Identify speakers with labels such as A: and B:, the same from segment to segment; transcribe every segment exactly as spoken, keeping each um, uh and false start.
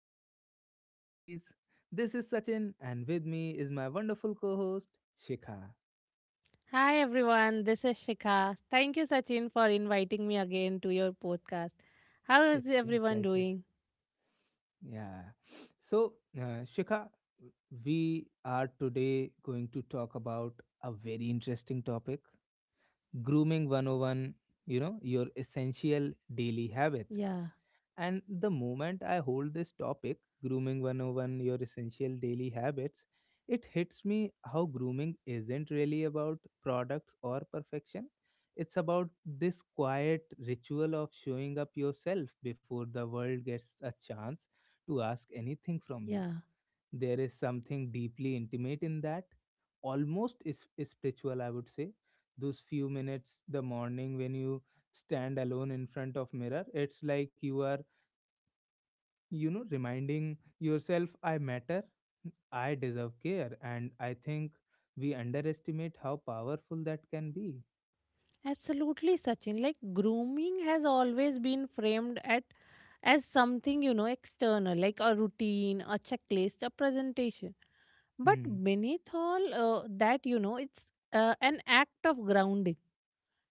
A: to our podcast series. This is Sachin, and with me is my wonderful co host, Shikha.
B: Hi everyone, this is Shikha. Thank you, Sachin, for inviting me again to your podcast. How is
A: It's my
B: everyone
A: pleasure.
B: doing?
A: Yeah. So, uh, Shikha, we are today going to talk about a very interesting topic grooming one oh one, you know, your essential daily
B: Yeah,
A: habits. And the moment I hold this topic, grooming one zero one, your essential daily habits, it hits me how grooming isn't really about products or perfection. It's about this quiet ritual of showing up yourself before the world gets a chance to ask anything
B: yeah,
A: from you. There is something deeply intimate in that, almost is, is spiritual, I would say. Those few minutes, the morning when you stand alone in front of mirror, it's like you are you know reminding yourself, I matter, I deserve care. And I think we underestimate how powerful that can be.
B: absolutely, Sachin. Like, grooming has always been framed at as something you know external, like a routine, a checklist, a presentation. But
A: Hmm.
B: beneath all uh, that, you know, it's uh, an act of grounding,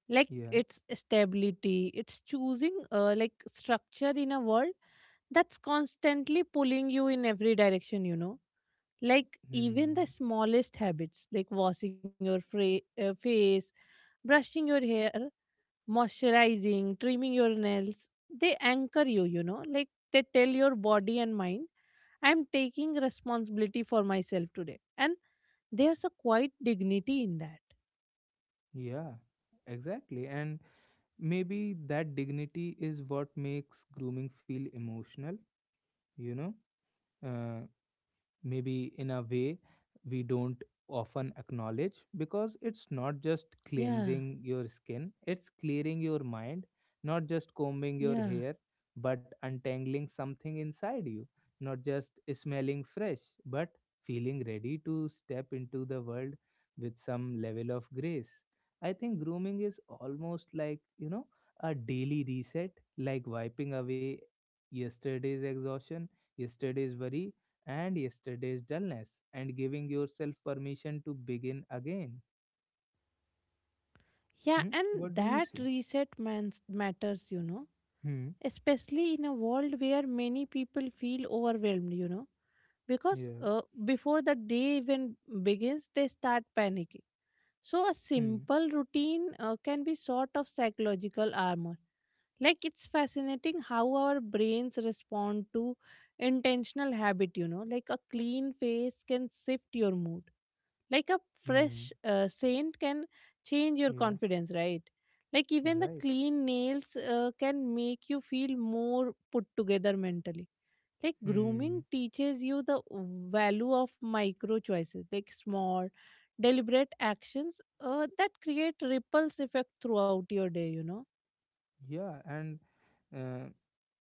B: like
A: Yeah.
B: it's stability, it's choosing uh, like structure in a world that's constantly pulling you in every direction, you know, like even the
A: Hmm.
B: smallest habits like washing your fra- uh, face, brushing your hair, moisturizing, trimming your nails. They anchor you, you know, like they tell your body and mind I'm taking responsibility for myself today, and there's a quiet dignity in that.
A: Yeah, exactly. And maybe that dignity is what makes grooming feel emotional, you know uh, maybe in a way we don't often acknowledge, because it's not just
B: Yeah.
A: cleansing your skin, it's clearing your mind, not just combing your
B: Yeah,
A: hair but untangling something inside you, not just smelling fresh but feeling ready to step into the world with some level of grace. I think grooming is almost like, you know a daily reset, like wiping away yesterday's exhaustion, yesterday's worry, and yesterday's dullness, and giving yourself permission to begin again.
B: Yeah,
A: Hmm? What
B: and
A: do you
B: that
A: say?
B: reset mans- matters, you know,
A: Hmm.
B: especially in a world where many people feel overwhelmed, you know, because
A: Yeah.
B: uh, before the day even begins, they start panicking. So, a
A: Hmm.
B: simple routine uh, can be sort of psychological armor. Like, it's fascinating how our brains respond to intentional habit, you know, like a clean face can shift your mood, like a fresh
A: Hmm.
B: uh, saint can change your
A: Yeah.
B: confidence, right? Like even the
A: Right.
B: clean nails uh, can make you feel more put together mentally. Like grooming
A: Hmm.
B: teaches you the value of micro choices, like small deliberate actions uh, that create ripples effect throughout your day, you know.
A: Yeah. And uh,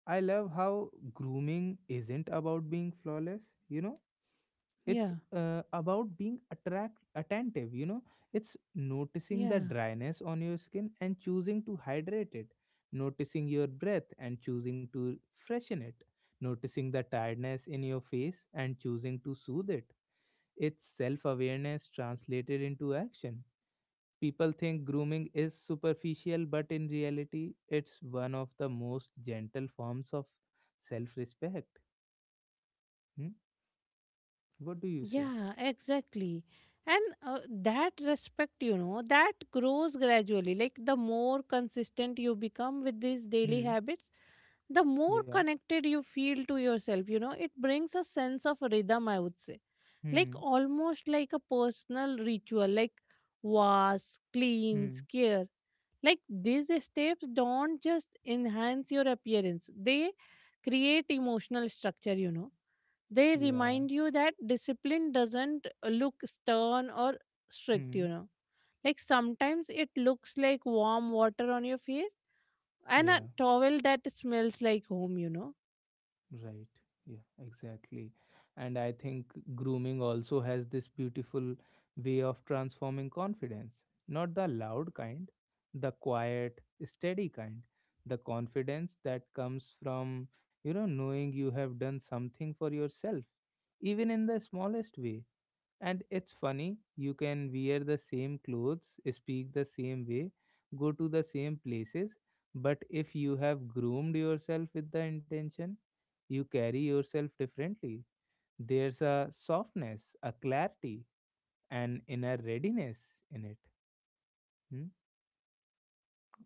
A: I love how grooming isn't about being flawless. You know,
B: Yeah
A: it's uh, about being attract attentive, you know it's noticing the
B: yeah.
A: dryness on your skin and choosing to hydrate it, noticing your breath and choosing to freshen it, noticing the tiredness in your face and choosing to soothe it. It's self awareness translated into action. People think grooming is superficial, but in reality it's one of the most gentle forms of self respect. Hmm? What do you say?
B: Yeah, exactly. And uh, that respect, you know, that grows gradually. Like the more consistent you become with these daily
A: Hmm.
B: habits, the more
A: Yeah.
B: connected you feel to yourself. You know, it brings a sense of rhythm, I would say. Like
A: Hmm.
B: almost like a personal ritual, like wash, cleanse,
A: Hmm.
B: care. Like these steps don't just enhance your appearance, they create emotional structure, you know. They
A: Yeah.
B: remind you that discipline doesn't look stern or strict,
A: Hmm.
B: you know. Like sometimes it looks like warm water on your face and a
A: Yeah.
B: towel that smells like home, you know.
A: Right. Yeah. Exactly. And I think grooming also has this beautiful way of transforming confidence. Not the loud kind, the quiet, steady kind. The confidence that comes from, you know, knowing you have done something for yourself, even in the smallest way. And it's funny, you can wear the same clothes, speak the same way, go to the same places, but if you have groomed yourself with the intention, you carry yourself differently. There's a softness, a clarity, an inner readiness in it. Hmm?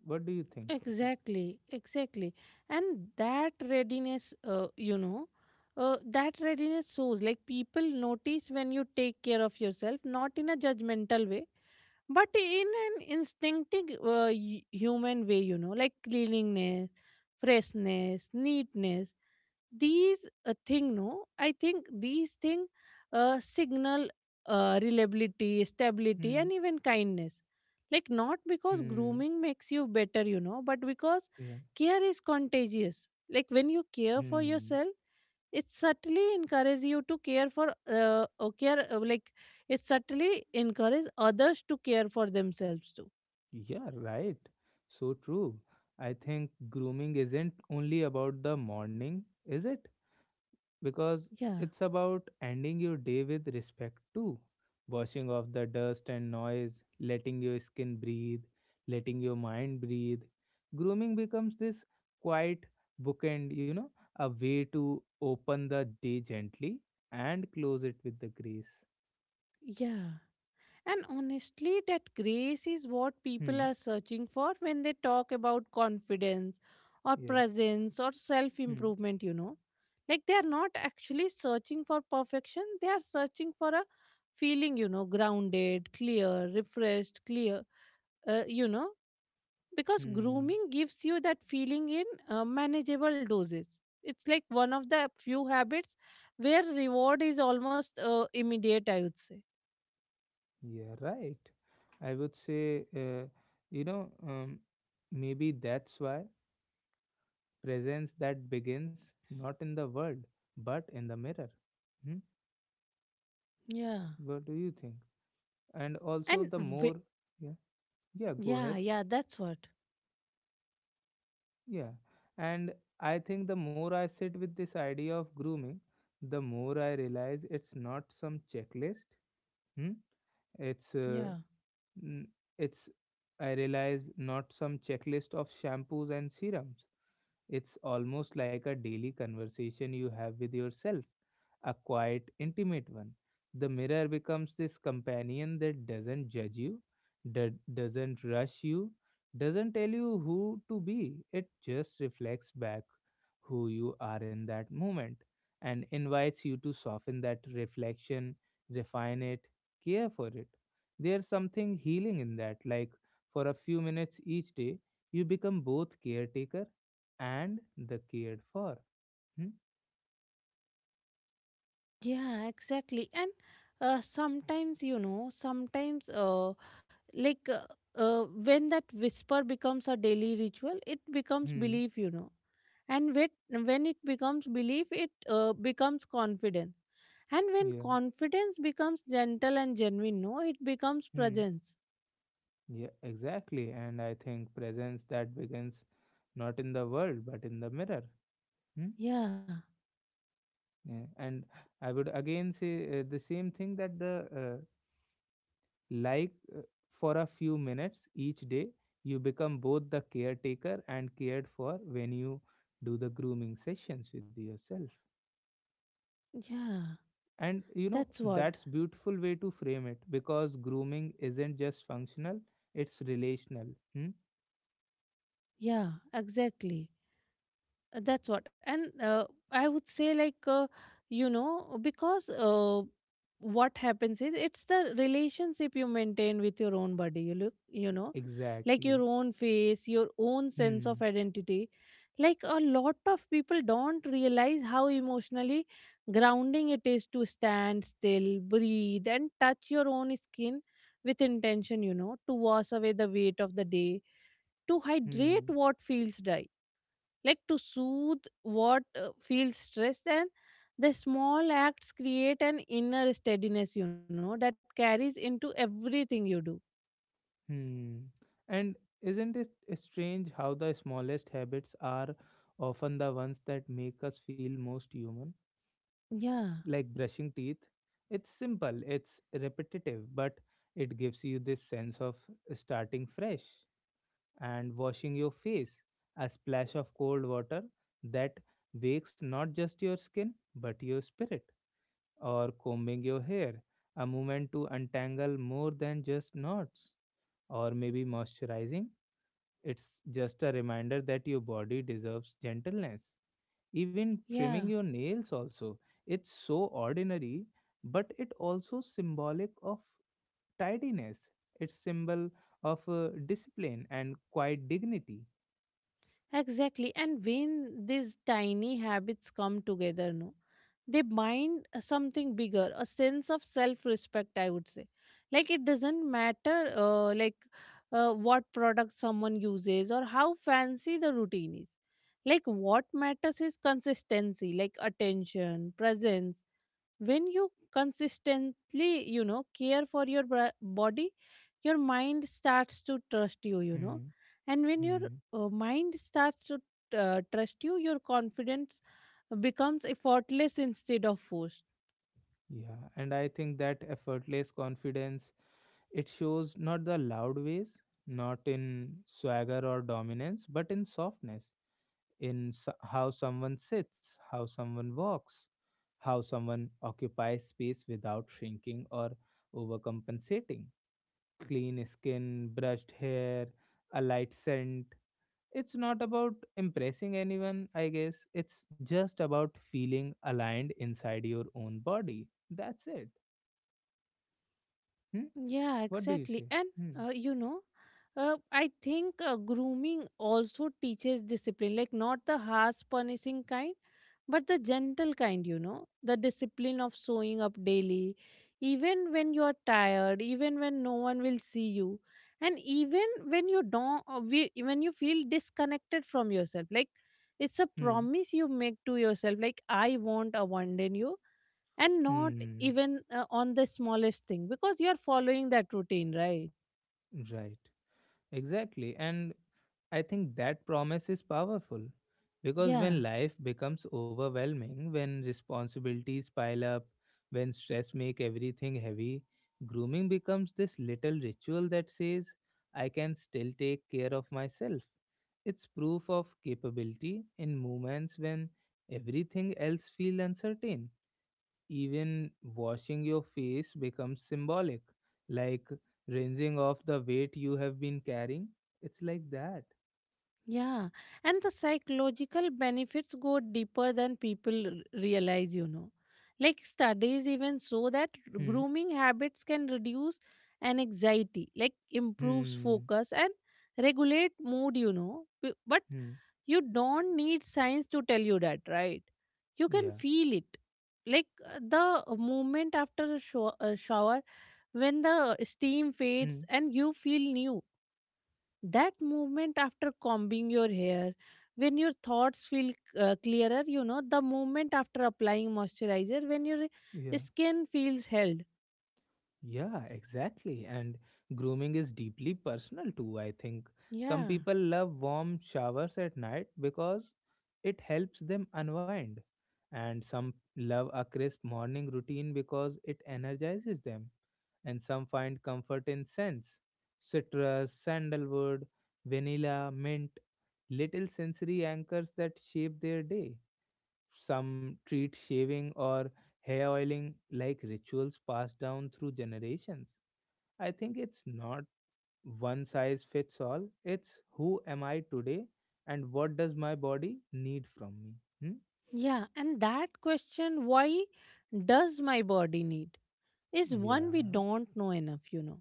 A: What do you think of it?
B: Exactly, exactly. And that readiness, uh, you know, uh, that readiness shows, like people notice when you take care of yourself, not in a judgmental way, but in an instinctive uh, hu- human way, you know, like cleanliness, freshness, neatness. These uh, thing, no, I think these thing uh, signal uh, reliability, stability,
A: Hmm.
B: and even kindness. Like not because
A: Hmm.
B: grooming makes you better, you know, but because
A: Yeah.
B: care is contagious. Like when you care for
A: Hmm.
B: yourself, it subtly encourages you to care for uh, uh, care uh, like it subtly encourages others to care for themselves too.
A: Yeah, right. So true. I think grooming isn't only about the morning, is it? Because
B: Yeah
A: it's about ending your day with respect too. Washing off the dust and noise, letting your skin breathe, letting your mind breathe. Grooming becomes this quiet bookend, you know, a way to open the day gently and close it with the grace.
B: yeah. And honestly, that grace is what people
A: Hmm.
B: are searching for when they talk about confidence or
A: Yeah.
B: presence or self
A: Hmm.
B: improvement, you know. Like they are not actually searching for perfection, they are searching for a feeling, you know, grounded, clear, refreshed, clear, uh, you know, because
A: Hmm.
B: grooming gives you that feeling in uh, manageable doses. It's like one of the few habits where reward is almost uh, immediate, I would say.
A: Yeah. Right. I would say, uh, you know, um, Maybe that's why presence that begins not in the world but in the mirror. Hmm?
B: Yeah.
A: What do you think? And also
B: And
A: the
B: wh-
A: more, yeah, yeah, go
B: Yeah,
A: ahead.
B: yeah, that's what.
A: Yeah and I think the more I sit with this idea of grooming, the more I realize it's not some checklist. Hmm? It's uh,
B: Yeah.
A: n- it's I realize not some checklist of shampoos and serums. It's almost like a daily conversation you have with yourself, a quiet, intimate one. The mirror becomes this companion that doesn't judge you, that doesn't rush you, doesn't tell you who to be. It just reflects back who you are in that moment and invites you to soften that reflection, refine it, care for it. There's something healing in that, like for a few minutes each day, you become both caretaker and the cared for. Hmm?
B: Yeah, exactly. And uh, sometimes, you know, sometimes, uh, like uh, uh, when that whisper becomes a daily ritual, it becomes
A: Hmm.
B: belief, you know. And when, when it becomes belief, it uh, becomes confidence. And when
A: Yeah.
B: confidence becomes gentle and genuine, no, it becomes
A: Hmm.
B: presence.
A: Yeah, exactly. And I think presence that begins not in the world but in the mirror. Hmm?
B: Yeah,
A: Yeah. And I would again say, uh, the same thing that the uh, like uh, for a few minutes each day, you become both the caretaker and cared for when you do the grooming sessions with yourself.
B: yeah,
A: And you know,
B: that's what.
A: that's beautiful way to frame it, because grooming isn't just functional, it's relational. Hmm?
B: Yeah, exactly. Uh, that's what. And uh, I would say like uh, you know, because uh, what happens is it's the relationship you maintain with your own body you look, you know, like your
A: Exactly.
B: own face, your own sense of
A: Hmm.
B: identity. Like a lot of people don't realize how emotionally grounding it is to stand still, breathe, and touch your own skin with intention, you know, to wash away the weight of the day, to
A: Hmm.
B: hydrate what feels dry, like to soothe what uh, feels stressed, and the small acts create an inner steadiness, you know, that carries into everything you do.
A: Hmm. And isn't it strange how the smallest habits are often the ones that make us feel most human?
B: Yeah
A: Like brushing teeth. It's simple, it's repetitive, but it gives you this sense of starting fresh. And washing your face, a splash of cold water that wakes not just your skin, but your spirit. Or combing your hair, a moment to untangle more than just knots. Or maybe moisturizing, it's just a reminder that your body deserves gentleness. Even trimming
B: yeah.
A: your nails, also. It's so ordinary, but it also symbolic of tidiness. It's symbol of uh, discipline and quiet dignity.
B: Exactly. And when these tiny habits come together, no, they bind something bigger, a sense of self respect, I would say. Like it doesn't matter, uh, like uh, what product someone uses or how fancy the routine is. Like what matters is consistency, like attention, presence. When you consistently, you know, care for your bra- body, your mind starts to trust you, you know.
A: Hmm.
B: And when your
A: Hmm.
B: uh, mind starts to uh, trust you, your confidence becomes effortless instead of forced.
A: Yeah, and I think that effortless confidence, it shows not the loud ways, not in swagger or dominance, but in softness, in so- how someone sits, how someone walks, how someone occupies space without shrinking or overcompensating. Clean skin, brushed hair, a light scent. It's not about impressing anyone, I guess. It's just about feeling aligned inside your own body. That's it. Hmm?
B: Yeah,
A: What do you
B: exactly.
A: say?
B: And
A: Hmm.
B: uh, you know, uh, I think uh, grooming also teaches discipline, like not the harsh punishing kind. But the gentle kind, you know, the discipline of showing up daily, even when you are tired, even when no one will see you, and even when you don't, uh, we- when you feel disconnected from yourself. Like it's a
A: Hmm.
B: promise you make to yourself, like I won't abandon you, and not
A: Hmm.
B: even uh, on the smallest thing because you are following that routine, right?
A: Right. Exactly. And I think that promise is powerful, because
B: Yeah.
A: when life becomes overwhelming, when responsibilities pile up, when stress make everything heavy, grooming becomes this little ritual that says, I can still take care of myself. It's proof of capability in moments when everything else feels uncertain. Even washing your face becomes symbolic, like rinsing off the weight you have been carrying. It's like that.
B: Yeah, and the psychological benefits go deeper than people r- realize, you know. Like studies even show that
A: Hmm.
B: grooming habits can reduce an anxiety, like improves
A: Hmm.
B: focus and regulate mood, you know. B- But
A: Hmm.
B: you don't need science to tell you that, right? You can
A: Yeah.
B: feel it. Like uh, the moment after a, show- a shower, when the steam fades
A: Hmm.
B: and you feel new, that movement after combing your hair, when your thoughts feel uh, clearer, you know, the movement after applying moisturizer when your
A: Yeah.
B: skin feels held.
A: Yeah, exactly. And grooming is deeply personal too, I think. Some
B: Yeah
A: people love warm showers at night because it helps them unwind. And some love a crisp morning routine because it energizes them. And some find comfort in scents, citrus, sandalwood, vanilla, mint, little sensory anchors that shape their day. Some treat shaving or hair oiling like rituals passed down through generations. I think it's not one size fits all, it's who am I today and what does my body need from me? Hmm?
B: yeah. And that question, why does my body need, is one we
A: Yeah.
B: don't know enough, you know.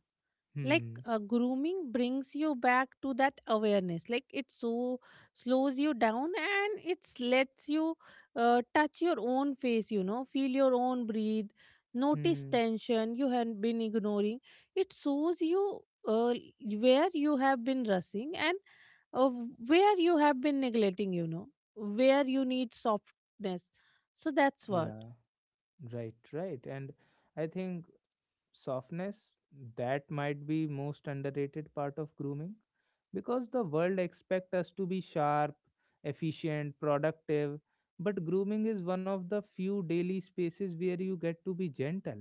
B: Like
A: Hmm.
B: uh, grooming brings you back to that awareness, like it so slows you down and it lets you uh, touch your own face, you know, feel your own breathe, notice
A: Hmm.
B: tension you had been ignoring. It shows you uh, where you have been rushing, and uh, where you have been neglecting, you know, where you need softness. So that's what.
A: Yeah. Right, right. And I think softness, that might be most underrated part of grooming, because the world expect us to be sharp, efficient, productive, but grooming is one of the few daily spaces where you get to be gentle,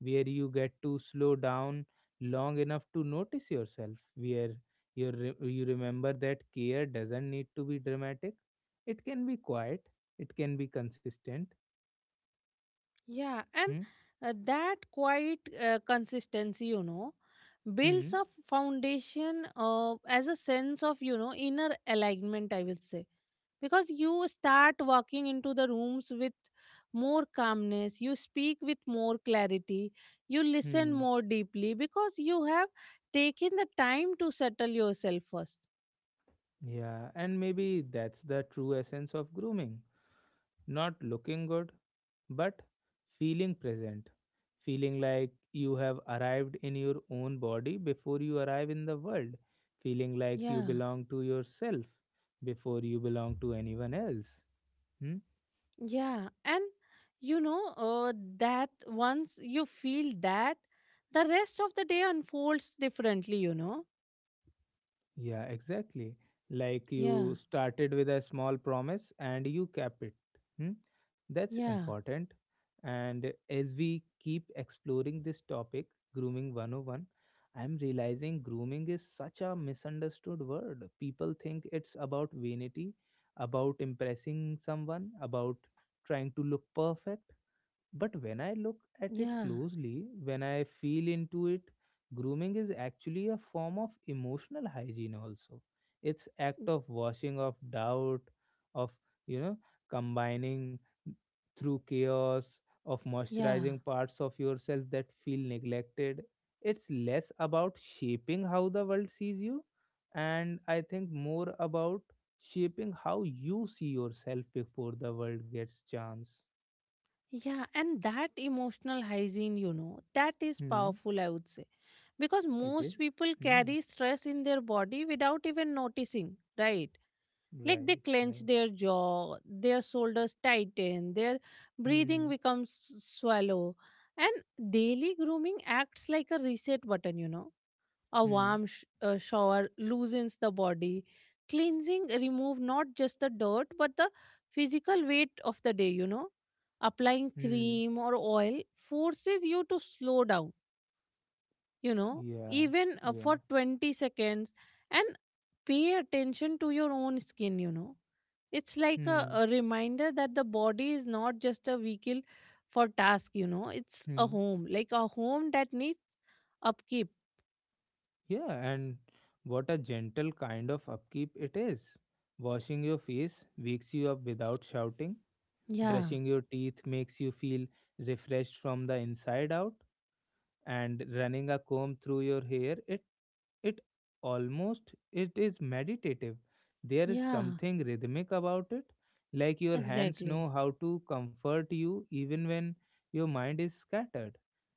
A: where you get to slow down long enough to notice yourself, where you re- you remember that care doesn't need to be dramatic. It can be quiet, it can be consistent.
B: Yeah, and
A: Hmm.
B: uh, that quiet uh, consistency, you know, builds
A: Hmm.
B: a foundation uh, as a sense of, you know, inner alignment, I will say. Because you start walking into the rooms with more calmness, you speak with more clarity, you listen
A: Hmm.
B: more deeply because you have taken the time to settle yourself first.
A: Yeah, and maybe that's the true essence of grooming, not looking good, but feeling present, feeling like you have arrived in your own body before you arrive in the world, feeling like you
B: Yeah.
A: belong to yourself before you belong to anyone else. Hmm?
B: Yeah, and you know, uh, that once you feel that, the rest of the day unfolds differently, you know?
A: Yeah, exactly. Like
B: Yeah,
A: you started with a small promise and you kept it. Hmm? That's
B: yeah,
A: important. And as we keep exploring this topic, grooming one oh one, I'm realizing grooming is such a misunderstood word. People think it's about vanity, about impressing someone, about trying to look perfect. But when I look at
B: yeah,
A: it closely, when I feel into it, grooming is actually a form of emotional hygiene also. It's act
B: y-
A: of washing of doubt, of, you know, combining through chaos, of
B: yeah,
A: moisturizing parts of yourself that feel neglected. It's less about shaping how the world sees you, and I think more about shaping how you see yourself before the world gets chance.
B: yeah. And that emotional hygiene, you know, that is
A: Hmm.
B: powerful, I would say. Because
A: It
B: most
A: is.
B: people
A: Hmm.
B: carry stress in their body without even noticing, right? Like they
A: Right.
B: clench
A: Right.
B: their jaw, their shoulders tighten, their
A: Hmm.
B: breathing becomes swallow. And daily grooming acts like a reset button, you know. A
A: Hmm.
B: warm sh- uh, shower loosens the body. Cleansing remove not just the dirt but the physical weight of the day, you know. Applying
A: Hmm.
B: cream or oil forces you to slow down, you know,
A: Yeah.
B: even uh,
A: Yeah.
B: for twenty seconds and pay attention to your own skin, you know. It's like a,
A: Hmm.
B: a reminder that the body is not just a vehicle for task, you know, it's a
A: Hmm.
B: home, like a home that needs upkeep.
A: Yeah, and what a gentle kind of upkeep it is. Washing your face wakes you up without shouting.
B: Yeah,
A: Brushing your teeth makes you feel refreshed from the inside out. And running a comb through your hair, it it almost it is meditative. There is
B: yeah,
A: something rhythmic about it, like your hands know
B: exactly.
A: how to comfort you even when your mind is scattered.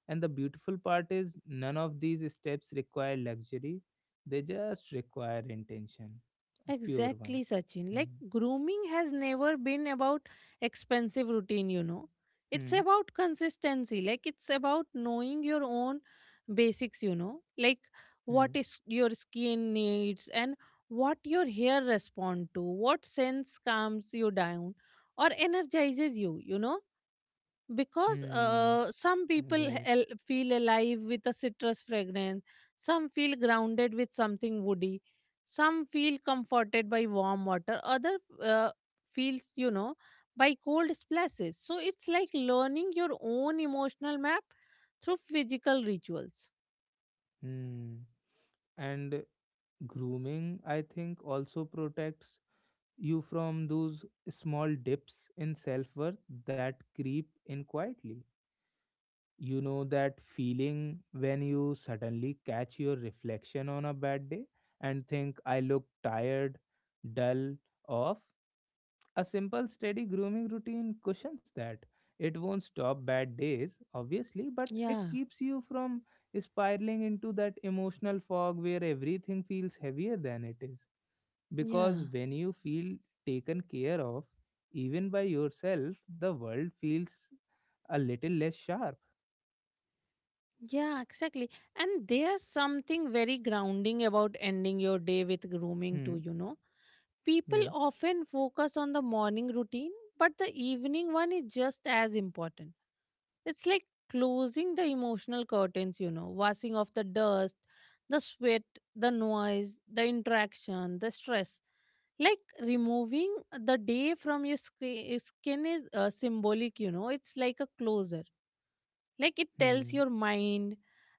A: And the beautiful part is none of these steps require luxury, they just require intention, a pure one.
B: Exactly, Sachin.
A: Hmm.
B: Like, grooming has never been about expensive routine, you know. It's
A: Hmm.
B: about consistency. Like, it's about knowing your own basics, you know. Like, what
A: Hmm.
B: is your skin needs and what your hair respond to, what sense calms you down or energizes you, you know, because
A: Hmm.
B: uh, some people
A: Right.
B: he- feel alive with a citrus fragrance, some feel grounded with something woody, some feel comforted by warm water, other uh, feels, you know, by cold splashes. So it's like learning your own emotional map through physical rituals.
A: Hmm. And grooming, I think, also protects you from those small dips in self worth that creep in quietly. You know that feeling when you suddenly catch your reflection on a bad day and think, I look tired, dull, off. A simple, steady grooming routine cushions that. It won't stop bad days, obviously, but it
B: Yeah.
A: keeps you from spiraling into that emotional fog where everything feels heavier than it is. Because
B: Yeah,
A: when you feel taken care of, even by yourself, the world feels a little less sharp.
B: Yeah, exactly. And there's something very grounding about ending your day with grooming,
A: Hmm.
B: too, you know. People
A: Yeah.
B: often focus on the morning routine, but the evening one is just as important. It's like closing the emotional curtains, you know, washing off the dust, the sweat, the noise, the interaction, the stress. Like removing the day from your scre- skin is uh, symbolic, you know, it's like a closer, like it tells
A: Hmm.
B: your mind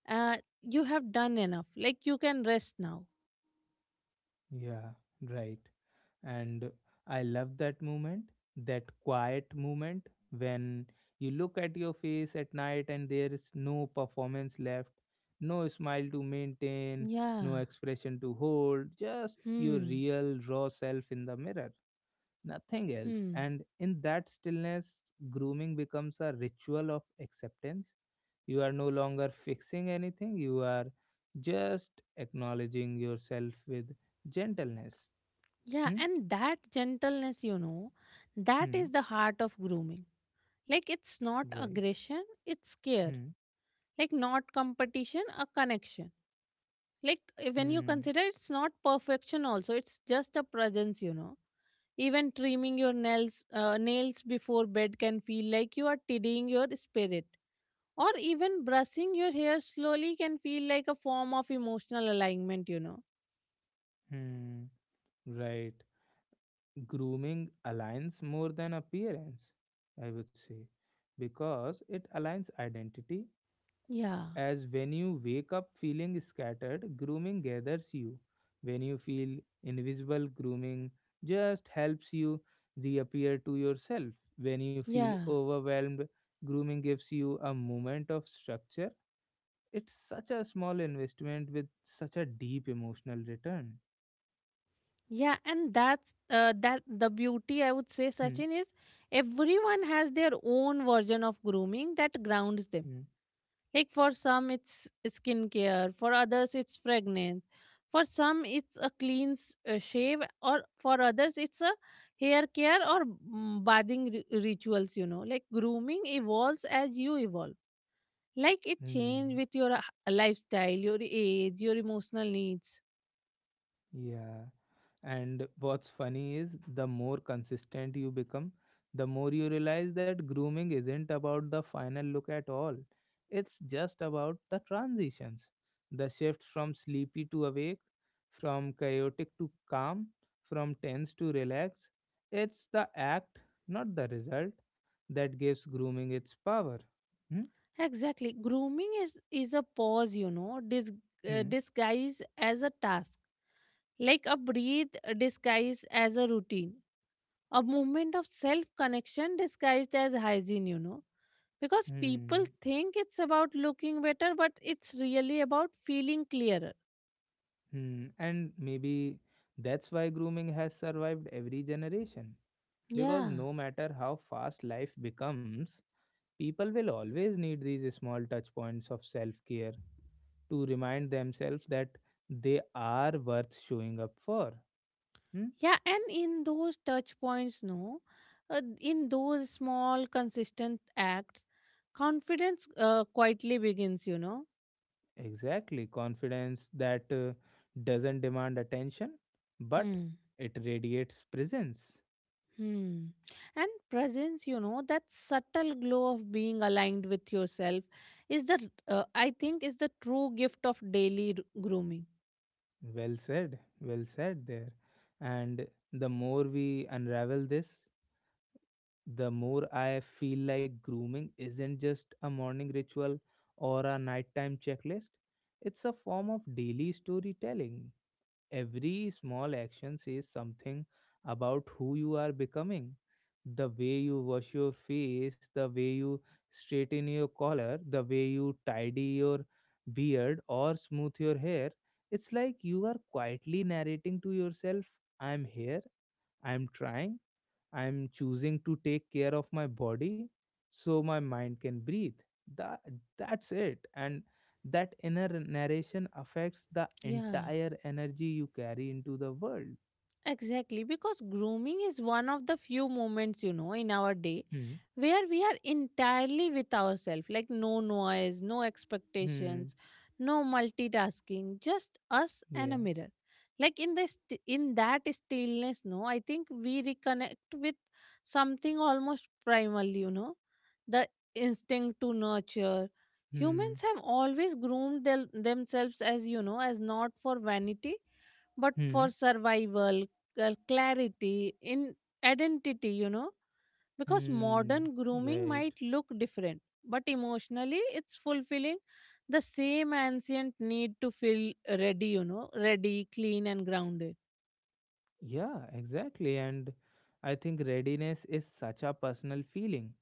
B: uh, you have done enough, like you can rest now.
A: Yeah. Right. And I love that moment, that quiet moment when you look at your face at night and there is no performance left, no smile to maintain,
B: Yeah.
A: no expression to hold, just your
B: Hmm.
A: real raw self in the mirror. Nothing else.
B: Hmm.
A: And in that stillness, grooming becomes a ritual of acceptance. You are no longer fixing anything, you are just acknowledging yourself with gentleness.
B: Yeah,
A: Hmm?
B: and that gentleness, you know, that is
A: Hmm.
B: the heart of grooming. Like it's not
A: Right.
B: aggression, it's care.
A: Hmm.
B: Like not competition, a connection. Like eh, when you
A: Hmm.
B: consider it's not perfection also, it's just a presence, you know. Even trimming your nails uh, nails before bed can feel like you are tidying your spirit, or even brushing your hair slowly can feel like a form of emotional alignment, you know.
A: Hmm. Right. Grooming aligns more than appearance, I would say, because it aligns identity
B: Yeah.
A: as when you wake up feeling scattered, grooming gathers you. When you feel invisible, grooming just helps you reappear to yourself. When you feel
B: Yeah.
A: overwhelmed, grooming gives you a moment of structure. It's such a small investment with such a deep emotional return.
B: yeah and that's uh, that the beauty I would say,
A: Hmm.
B: Sachin, is everyone has their own version of grooming that grounds them.
A: Hmm.
B: Like for some it's skincare, for others it's fragrance, for some it's a clean s- uh, shave, or for others it's a hair care, or mm, bathing ri- rituals, you know. Like grooming evolves as you evolve. Like it change
A: Hmm.
B: with your uh, lifestyle, your age, your emotional needs.
A: Yeah. And what's funny is the more consistent you become, the more you realize that grooming isn't about the final look at all. It's just about the transitions, the shift from sleepy to awake, from chaotic to calm, from tense to relaxed. It's the act, not the result, that gives grooming its power. Hmm?
B: Exactly. Grooming is, is a pause, you know, dis, uh,
A: Hmm.
B: disguise as a task. Like a breathe disguised as a routine. A movement of self connection disguised as hygiene, you know. Because
A: Hmm.
B: people think it's about looking better, but it's really about feeling clearer.
A: Hmm. And maybe that's why grooming has survived every generation because
B: Yeah.
A: no matter how fast life becomes, people will always need these small touch points of self care to remind themselves that they are worth showing up for. Hmm?
B: Yeah, and in those touch points, no, uh, in those small, consistent acts, confidence uh, quietly begins, you know.
A: Exactly. Confidence that uh, doesn't demand attention, but
B: Hmm.
A: it radiates presence.
B: Hmm. And presence, you know, that subtle glow of being aligned with yourself is the, uh, I think, is the true gift of daily r- grooming.
A: Well said. Well said there. And the more we unravel this, the more I feel like grooming isn't just a morning ritual or a nighttime checklist. It's a form of daily storytelling. Every small action says something about who you are becoming. The way you wash your face, the way you straighten your collar, the way you tidy your beard or smooth your hair. It's like you are quietly narrating to yourself, I'm here, I'm trying, I am choosing to take care of my body so my mind can breathe. That, that's it. And that inner narration affects the
B: Yeah.
A: entire energy you carry into the world.
B: Exactly, because grooming is one of the few moments, you know, in our day
A: Hmm.
B: where we are entirely with ourselves, like no noise, no
A: Hmm.
B: expectations, no multitasking, just us and a
A: Yeah.
B: mirror. Like in this in that stillness, no, I think we reconnect with something almost primal, you know, the instinct to nurture.
A: Hmm.
B: Humans have always groomed thel- themselves as, you know, as not for vanity but for
A: Hmm.
B: survival, uh, clarity, in identity, you know, because
A: Hmm.
B: modern grooming
A: Right.
B: might look different, but emotionally it's fulfilling the same ancient need to feel ready, you know, ready, clean, and grounded.
A: Yeah, exactly. And I think readiness is such a personal feeling.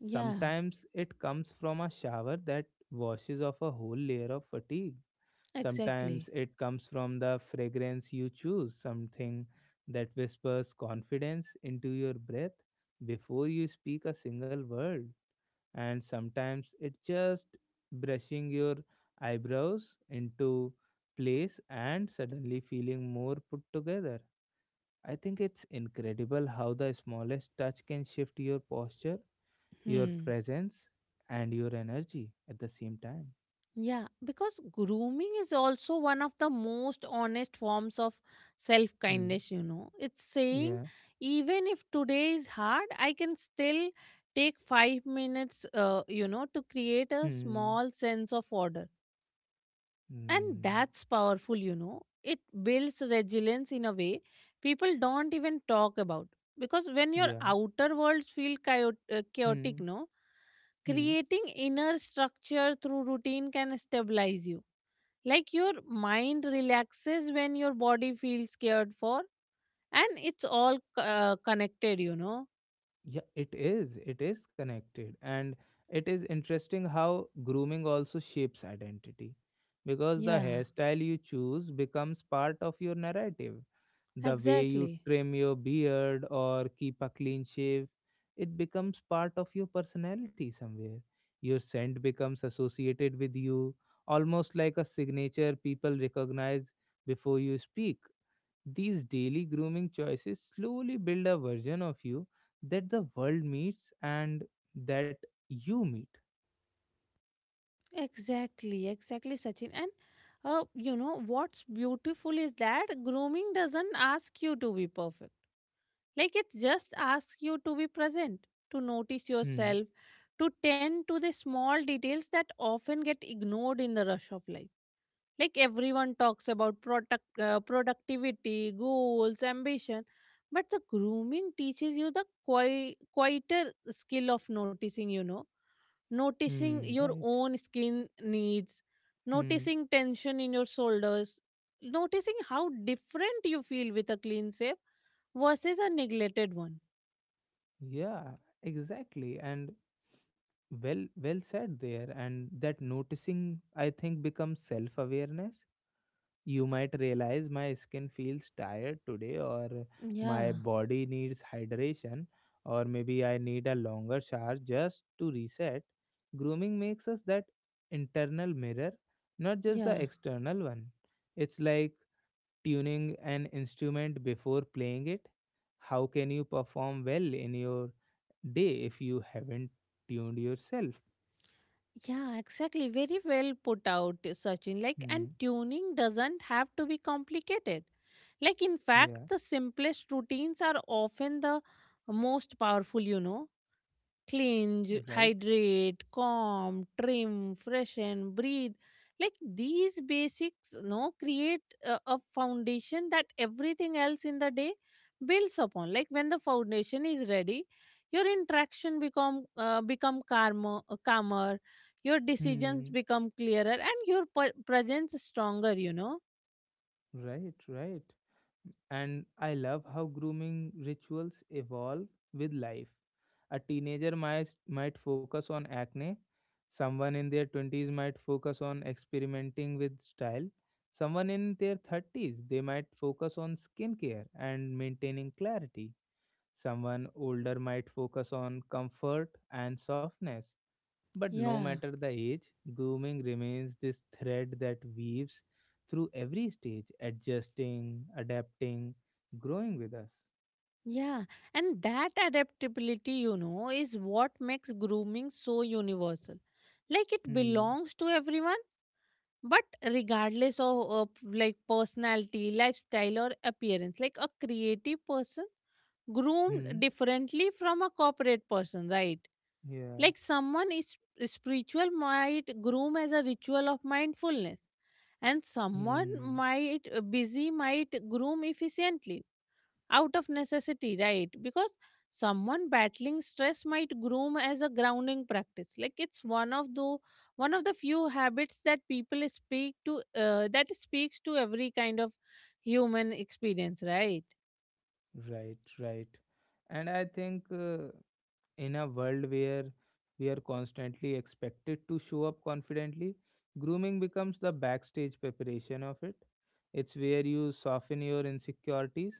B: Yeah,
A: Sometimes it comes from a shower that washes off a whole layer of fatigue. Sometimes
B: exactly.
A: it comes from the fragrance you choose, something that whispers confidence into your breath before you speak a single word. And sometimes it's just brushing your eyebrows into place and suddenly feeling more put together. I think it's incredible how the smallest touch can shift your posture, your
B: Hmm.
A: presence, and your energy at the same time.
B: Yeah, because grooming is also one of the most honest forms of self
A: Hmm.
B: kindness, you know. It's saying,
A: Yeah.
B: even if today is hard, I can still take five minutes, uh, you know, to create a
A: Hmm.
B: small sense of order. And
A: Hmm.
B: that's powerful, you know. It builds resilience in a way people don't even talk about. Because when your
A: Yeah.
B: outer worlds feel chao- uh,
A: Hmm.
B: chaotic, no,
A: Hmm.
B: creating inner structure through routine can stabilize you, like your mind relaxes when your body feels cared for, and it's all uh, connected, you know.
A: Yeah, it is. It is connected. And it is interesting how grooming also shapes identity because the
B: Yeah,
A: hairstyle you choose becomes part of your narrative. The way you
B: exactly
A: trim your beard or keep a clean shave, it becomes part of your personality somewhere. Your scent becomes associated with you, almost like a signature people recognize before you speak. These daily grooming choices slowly build a version of you that the world meets and that you meet.
B: exactly exactly, Sachin, and uh, you know what's beautiful is that grooming doesn't ask you to be perfect. Like it just asks you to be present, to notice
A: Hmm.
B: yourself, to tend to the small details that often get ignored in the rush of life. Like everyone talks about product uh, productivity, goals, ambition, but the grooming teaches you the qui- quieter skill of noticing, you know. Noticing
A: Hmm.
B: your
A: Right.
B: own skin needs,
A: Hmm.
B: noticing tension in your shoulders, noticing how different you feel with a clean shave versus a neglected one.
A: Yeah. Exactly. And well, well said there. And that noticing, I think, becomes self awareness. You might realize my skin feels tired today, or my
B: yeah
A: body needs hydration, or maybe I need a longer shower just to reset. Grooming makes us that internal mirror, not just
B: yeah
A: the external one. It's like tuning an instrument before playing it. How can you perform well in your day if you haven't tuned yourself?
B: Yeah, exactly. Very well put out, Sachin. Like, and
A: Hmm.
B: tuning doesn't have to be complicated. Like, in fact,
A: Yeah,
B: the simplest routines are often the most powerful, you know. Cleanse,
A: right.
B: hydrate, calm, trim, freshen, breathe. Like these basics, no, create a, a foundation that everything else in the day builds upon. Like when the foundation is ready, your interaction become uh, become calmer, calmer. Your decisions
A: Hmm.
B: become clearer, and your p- presence stronger. You know.
A: Right, right. And I love how grooming rituals evolve with life. A teenager might, might focus on acne, someone in their twenties might focus on experimenting with style, someone in their thirties they might focus on skincare and maintaining clarity, someone older might focus on comfort and softness, but no
B: Yeah.
A: matter the age, grooming remains this thread that weaves through every stage, adjusting, adapting, growing with us.
B: Yeah, and that adaptability, you know, is what makes grooming so universal. Like it
A: Hmm.
B: belongs to everyone, but regardless of, of like personality, lifestyle, or appearance, like a creative person groomed
A: Hmm.
B: differently from a corporate person, right?
A: Yeah.
B: Like someone is spiritual might groom as a ritual of mindfulness, and someone
A: Hmm.
B: might busy might groom efficiently out of necessity, right? Because someone battling stress might groom as a grounding practice. Like it's one of the one of the few habits that people speak to uh, that speaks to every kind of human experience, right?
A: Right. Right. And I think uh, in a world where we are constantly expected to show up confidently, grooming becomes the backstage preparation of it. It's where you soften your insecurities,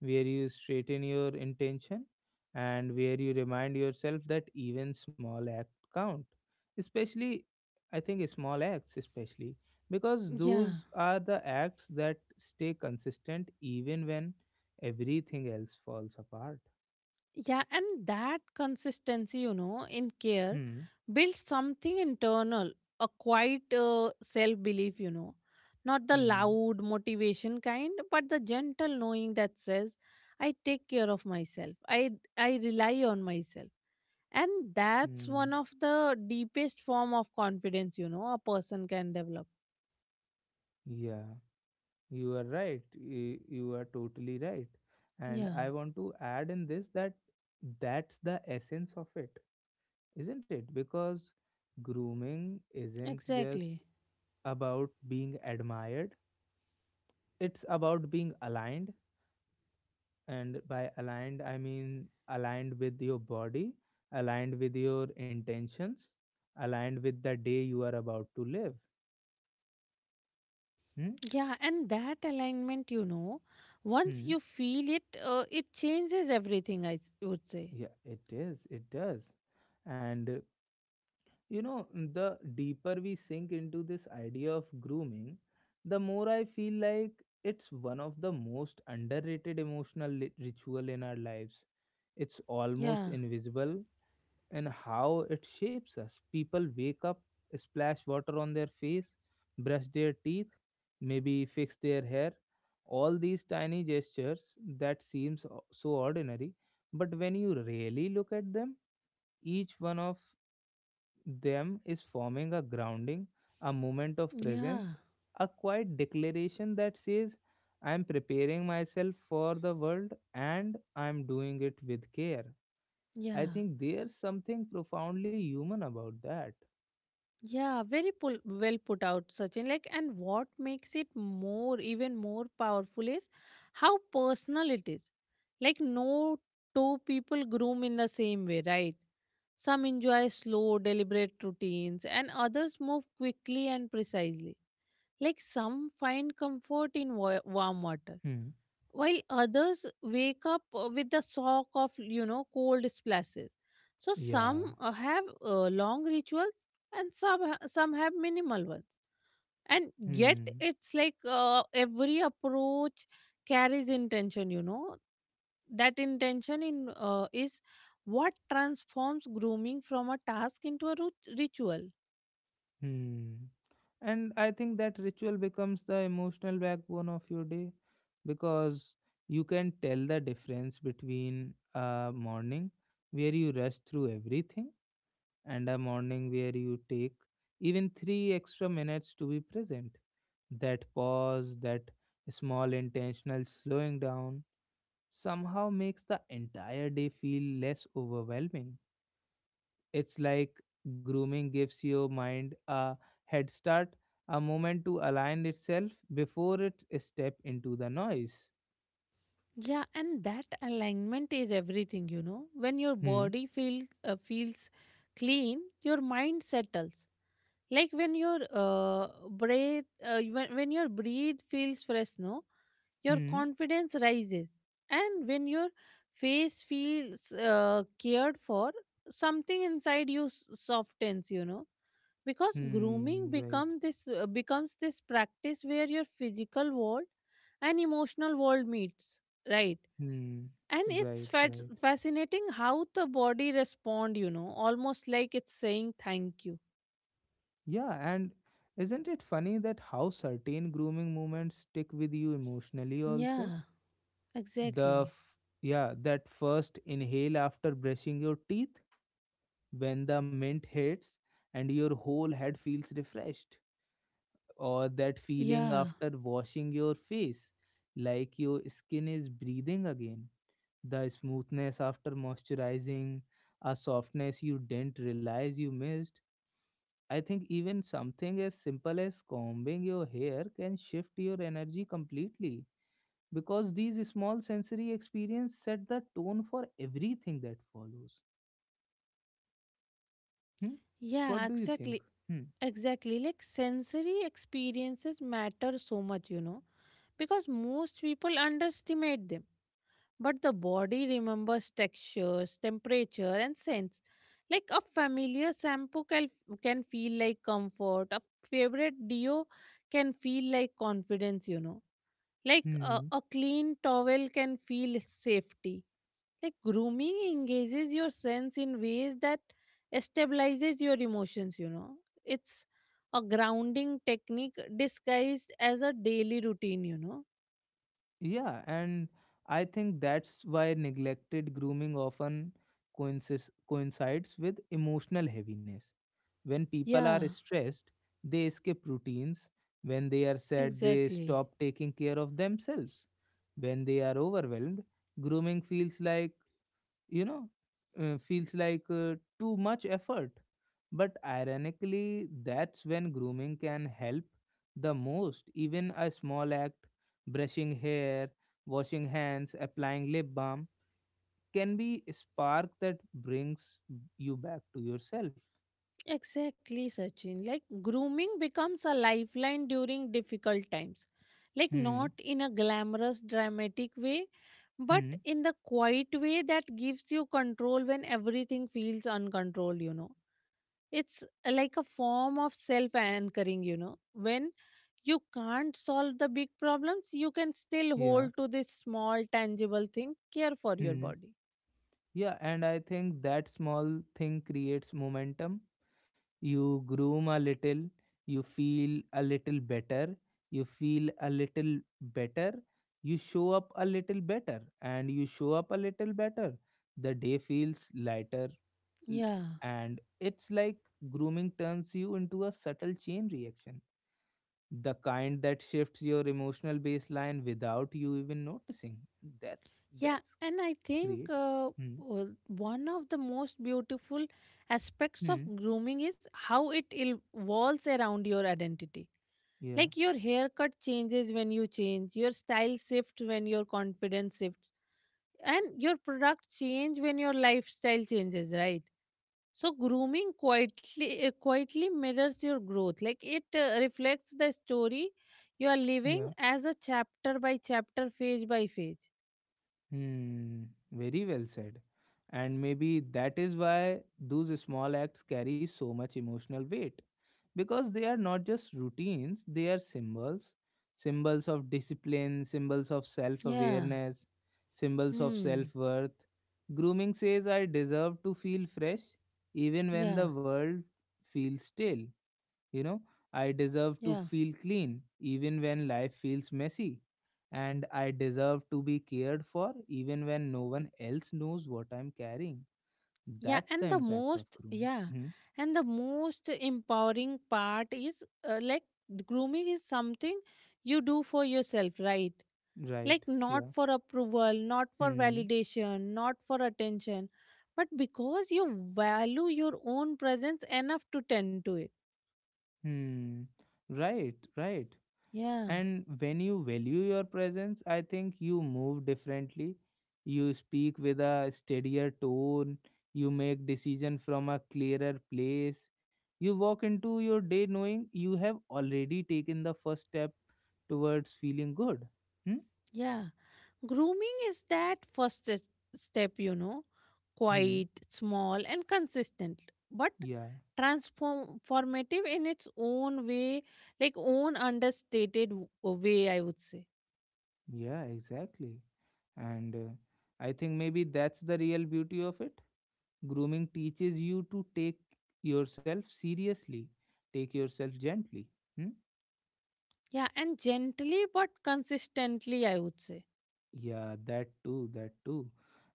A: where you straighten your intention, and where you remind yourself that even small acts count. Especially, I think, small acts, especially because
B: Yeah.
A: those are the acts that stay consistent even when everything else falls apart.
B: Yeah, and that consistency, you know, in care
A: Hmm.
B: builds something internal, a quiet uh, self belief, you know, not the
A: Hmm.
B: loud motivation kind, but the gentle knowing that says, I take care of myself, I, I rely on myself. And that's
A: Hmm.
B: one of the deepest form of confidence, you know, a person can develop.
A: Yeah, you are right. y- You are totally right. And
B: Yeah,
A: I want to add in this that that's the essence of it, isn't it? Because grooming isn't just
B: exactly.
A: about being admired, it's about being aligned. And by aligned, I mean aligned with your body, aligned with your intentions, aligned with the day you are about to live. Hmm?
B: Yeah, and that alignment, you know, once
A: Hmm.
B: you feel it, uh, it changes everything, I s- would say.
A: Yeah, it is. It does. And uh, you know, the deeper we sink into this idea of grooming, the more I feel like it's one of the most underrated emotional li- ritual in our lives. It's almost
B: Yeah,
A: invisible in how it shapes us. People wake up, splash water on their face, brush their teeth, maybe fix their hair. All these tiny gestures that seems o- so ordinary, but when you really look at them, each one of them is forming a grounding, a moment of presence,
B: yeah,
A: a quiet declaration that says, I am preparing myself for the world and I am doing it with care. I
B: yeah,
A: think there's something profoundly human about that.
B: yeah. Very pull, well put out, Sachin. Like, and what makes it more, even more powerful is how personal it is. Like, no two people groom in the same way, right? Some enjoy slow, deliberate routines, and others move quickly and precisely. Like, some find comfort in wa- warm water,
A: Hmm.
B: while others wake up uh, with the shock of, you know, cold splashes. So some
A: Yeah.
B: uh, have uh, long rituals, and some ha- some have minimal ones, and yet
A: Hmm.
B: it's like uh, every approach carries intention, you know. That intention in uh, is what transforms grooming from a task into a rut- ritual.
A: Hmm. And I think that ritual becomes the emotional backbone of your day because you can tell the difference between a morning where you rush through everything and a morning where you take even three extra minutes to be present. That pause, that small intentional slowing down, somehow makes the entire day feel less overwhelming. It's like grooming gives your mind a head start, a moment to align itself before it step into the noise.
B: Yeah, and that alignment is everything, you know. When your
A: Hmm,
B: body feels uh, feels clean, your mind settles. Like when your uh, breath, uh, when, when your breathe feels fresh, no, your
A: hmm,
B: confidence rises. And when your face feels uh, cared for, something inside you s- softens, you know. Because
A: hmm,
B: grooming
A: right,
B: become this uh, becomes this practice where your physical world and emotional world meets, right?
A: hmm,
B: And it's
A: right,
B: fat-
A: right.
B: fascinating how the body respond, you know, almost like it's saying thank you.
A: Yeah, and isn't it funny that how certain grooming moments stick with you emotionally also?
B: Yeah,
A: The
B: exactly.
A: f- yeah, that first inhale after brushing your teeth when the mint hits and your whole head feels refreshed, or that feeling
B: yeah
A: after washing your face like your skin is breathing again, the smoothness after moisturizing, a softness you didn't realize you missed. I think even something as simple as combing your hair can shift your energy completely because these small sensory experiences set the tone for everything that follows. Hmm? What
B: yeah
A: do you think?
B: exactly, exactly. Like sensory experiences matter so much, you know, because most people underestimate them, but the body remembers textures, temperature, and scents. Like a familiar shampoo can, can feel like comfort, a favorite deo can feel like confidence, you know. Like a,
A: Hmm.
B: a clean towel can feel safety. Like grooming engages your sense in ways that stabilizes your emotions, you know. It's a grounding technique disguised as a daily routine, you know.
A: Yeah, and I think that's why neglected grooming often coincides, coincides with emotional heaviness. When people are
B: Yeah.
A: stressed, they skip routines. When they are sad, they
B: Exactly.
A: stop taking care of themselves. When they are overwhelmed, grooming feels like you know uh, feels like uh, too much effort, but ironically that's when grooming can help the most. Even a small act, brushing hair, washing hands, applying lip balm, can be a spark that brings you back to yourself.
B: Exactly, Sachin. Like grooming becomes a lifeline during difficult times. Like
A: Hmm.
B: not in a glamorous, dramatic way, but
A: Hmm.
B: in the quiet way that gives you control when everything feels uncontrolled, you know. It's uh, like a form of self anchoring, you know. When you can't solve the big problems, you can still
A: Yeah.
B: hold to this small, tangible thing, care for your
A: Hmm.
B: body.
A: Yeah, and I think that small thing creates momentum. You groom a little, you feel a little better, you feel a little better, you show up a little better, and you show up a little better, the day feels lighter. l-
B: Yeah.
A: and it's like grooming turns you into a subtle chain reaction, the kind that shifts your emotional baseline without you even noticing. that's
B: Yeah,
A: that's
B: and I think
A: great.
B: uh,
A: Hmm.
B: w- one of the most beautiful aspects of
A: Hmm.
B: grooming is how it il- evolves around your identity.
A: Yeah.
B: Like your haircut changes when you change, your style shifts when your confidence shifts, and your product change when your lifestyle changes, right? So grooming quietly uh, quietly mirrors your growth. Like it uh, reflects the story you are living
A: Yeah.
B: as a chapter by chapter, phase by phase.
A: Hmm, very well said. And maybe that is why those small acts carry so much emotional weight. Because they are not just routines, they are symbols. Symbols of discipline, symbols of self
B: Yeah.
A: awareness, symbols of self
B: Hmm.
A: worth. Grooming says, I deserve to feel fresh even when
B: Yeah,
A: the world feels stale. You know, I deserve to
B: yeah,
A: feel clean even when life feels messy. And I deserve to be cared for even when no one else knows what I'm carrying.
B: yeah.
A: That's the
B: And the
A: impact of
B: most,
A: grooming.
B: yeah,
A: Hmm?
B: and the most empowering part is uh, like grooming is something you do for yourself, right?
A: Right.
B: Like not
A: Yeah.
B: for approval, not for
A: Hmm.
B: validation, not for attention, but because you value your own presence enough to tend to it.
A: Hmm. Right. Right.
B: Yeah,
A: And when you value your presence, I think you move differently. You speak with a steadier tone. You make decision from a clearer place. You walk into your day knowing you have already taken the first step towards feeling good. Hmm?
B: yeah. Grooming is that first s- step, you know,
A: Hmm.
B: quiet, small, and consistent, but
A: Yeah.
B: transformative in its own way, like own understated w- uh, way, I would say.
A: Yeah, exactly. And uh, I think maybe that's the real beauty of it. Grooming teaches you to take yourself seriously, take yourself gently. Hmm.
B: Yeah, and gently but consistently, I would say.
A: Yeah, that too, that too.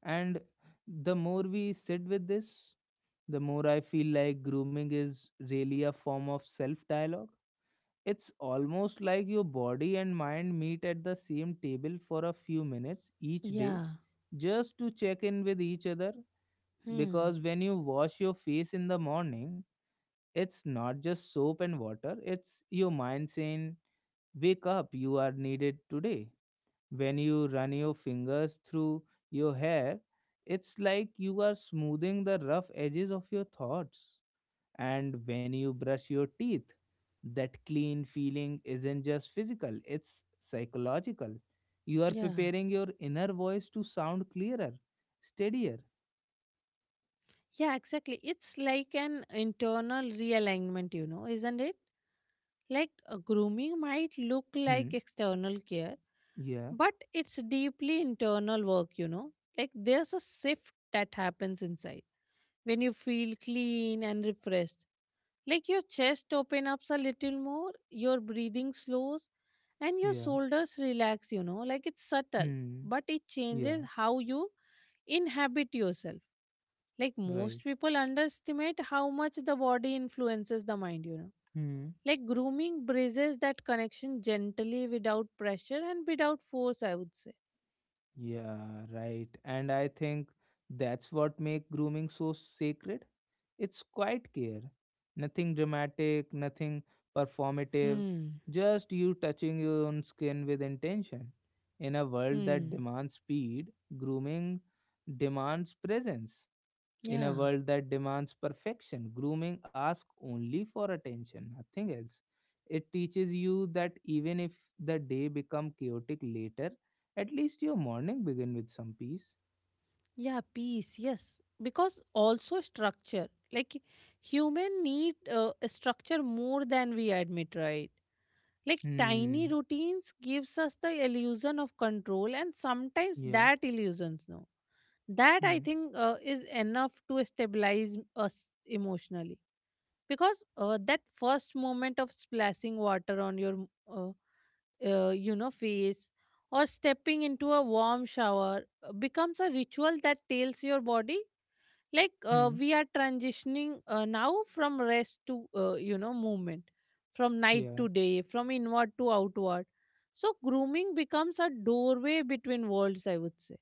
A: And the more we sit with this, the more I feel like grooming is really a form of self dialogue. It's almost like your body and mind meet at the same table for a few minutes each day
B: Yeah.
A: just to check in with each other.
B: Hmm.
A: Because when you wash your face in the morning, it's not just soap and water, it's your mind saying, wake up, you are needed today. When you run your fingers through your hair, it's like you are smoothing the rough edges of your thoughts. And when you brush your teeth, that clean feeling isn't just physical, it's psychological. You are
B: Yeah.
A: preparing your inner voice to sound clearer, steadier.
B: Yeah, exactly. It's like an internal realignment, you know, isn't it? Like a grooming might look like
A: Hmm.
B: external care,
A: Yeah.
B: but it's deeply internal work, you know. Like there's a shift that happens inside when you feel clean and refreshed. Like your chest opens up a little more, your breathing slows, and your
A: Yeah.
B: shoulders relax, you know. Like it's subtle,
A: Hmm.
B: but it changes
A: Yeah.
B: how you inhabit yourself. Like most
A: Right.
B: people underestimate how much the body influences the mind, you know.
A: Hmm.
B: Like grooming bridges that connection gently, without pressure and without force, I would say.
A: Yeah. Right. And I think that's what makes grooming so sacred. It's quiet care. Nothing dramatic, nothing performative,
B: Hmm.
A: just you touching your own skin with intention. In a world that
B: Hmm.
A: demands speed, grooming demands presence. In a
B: Yeah.
A: world that demands perfection, grooming asks only for attention, nothing else. It teaches you that even if the day become chaotic later, at least your morning begin with some peace.
B: Yeah. Peace. Yes. Because also structure. Like human need uh, a structure more than we admit, right? Like tiny
A: Hmm.
B: routines gives us the illusion of control, and sometimes
A: Yeah.
B: that illusions no. That I
A: Hmm.
B: think uh, is enough to stabilize us emotionally. Because uh, that first moment of splashing water on your uh, uh, you know, face, or stepping into a warm shower uh, becomes a ritual that tells your body, like uh,
A: Hmm.
B: we are transitioning uh, now from rest to, uh, you know, movement, from night
A: Yeah.
B: to day, from inward to outward. So grooming becomes a doorway between worlds, I would say.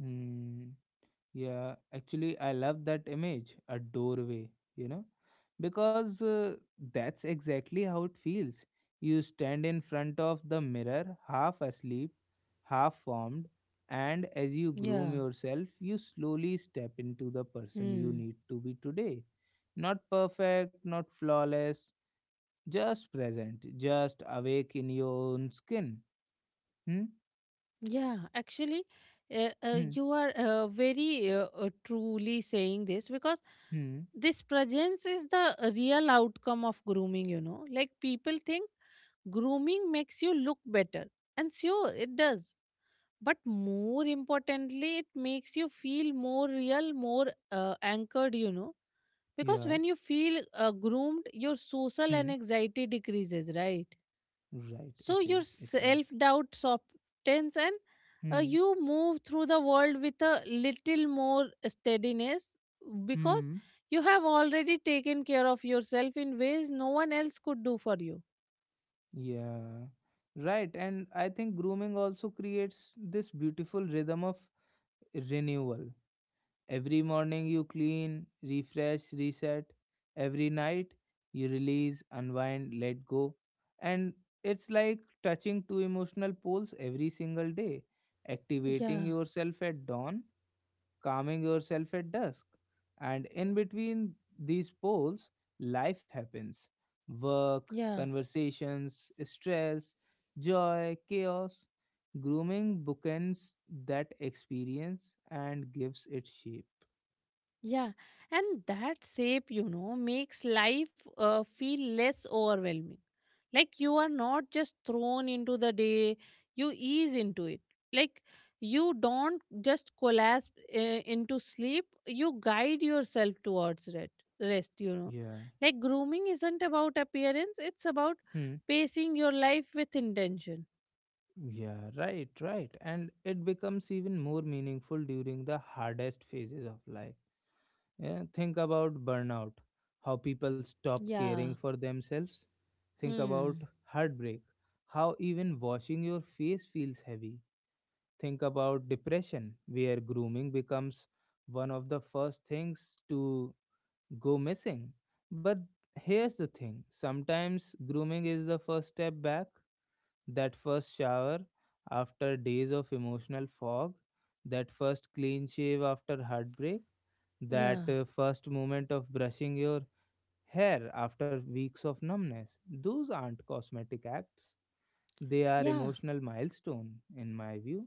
A: Hmm. Yeah, actually, I love that image, a doorway, you know, because uh, that's exactly how it feels. You stand in front of the mirror, half asleep, half formed, and as you groom
B: Yeah.
A: yourself, you slowly step into the person you
B: Hmm.
A: need to be today. Not perfect, not flawless, just present, just awake in your own skin. Hmm?
B: Yeah, actually, uh, uh,
A: Hmm?
B: you are uh, very uh, uh, truly saying this, because
A: Hmm?
B: this presence is the uh, real outcome of grooming, you know. Like people think grooming makes you look better, and sure, it does. But more importantly, it makes you feel more real, more uh, anchored, you know. Because
A: Yeah.
B: when you feel uh, groomed, your social
A: Hmm?
B: and anxiety decreases, right?
A: Right,
B: So
A: it is,
B: your
A: it is.
B: self doubt softens, and uh,
A: Hmm?
B: you move through the world with a little more steadiness, because
A: Hmm.
B: you have already taken care of yourself in ways no one else could do for you.
A: Yeah, right. And I think grooming also creates this beautiful rhythm of renewal. Every morning you clean, refresh, reset. Every night you release, unwind, let go. And it's like touching two emotional poles every single day, activating
B: Yeah,
A: yourself at dawn, calming yourself at dusk. And in between these poles, life happens: work,
B: yeah,
A: conversations, stress, joy, chaos. Grooming bookends that experience and gives it shape.
B: yeah. And that shape, you know, makes life uh, feel less overwhelming, like you are not just thrown into the day, you ease into it, like you don't just collapse uh, into sleep, you guide yourself towards it, rest, you know.
A: Yeah.
B: Like grooming isn't about appearance, it's about
A: Hmm.
B: pacing your life with intention.
A: Yeah, right, right. And it becomes even more meaningful during the hardest phases of life. Yeah, think about burnout, how people stop caring
B: Yeah.
A: for themselves. Think about
B: Hmm.
A: heartbreak, how even washing your face feels heavy. Think about depression, where grooming becomes one of the first things to go missing. But here's the thing: sometimes grooming is the first step back, that first shower after days of emotional fog, that first clean shave after heartbreak, that
B: Yeah,
A: uh, first moment of brushing your hair after weeks of numbness. Those aren't cosmetic acts, they are
B: yeah,
A: emotional milestone, in my view.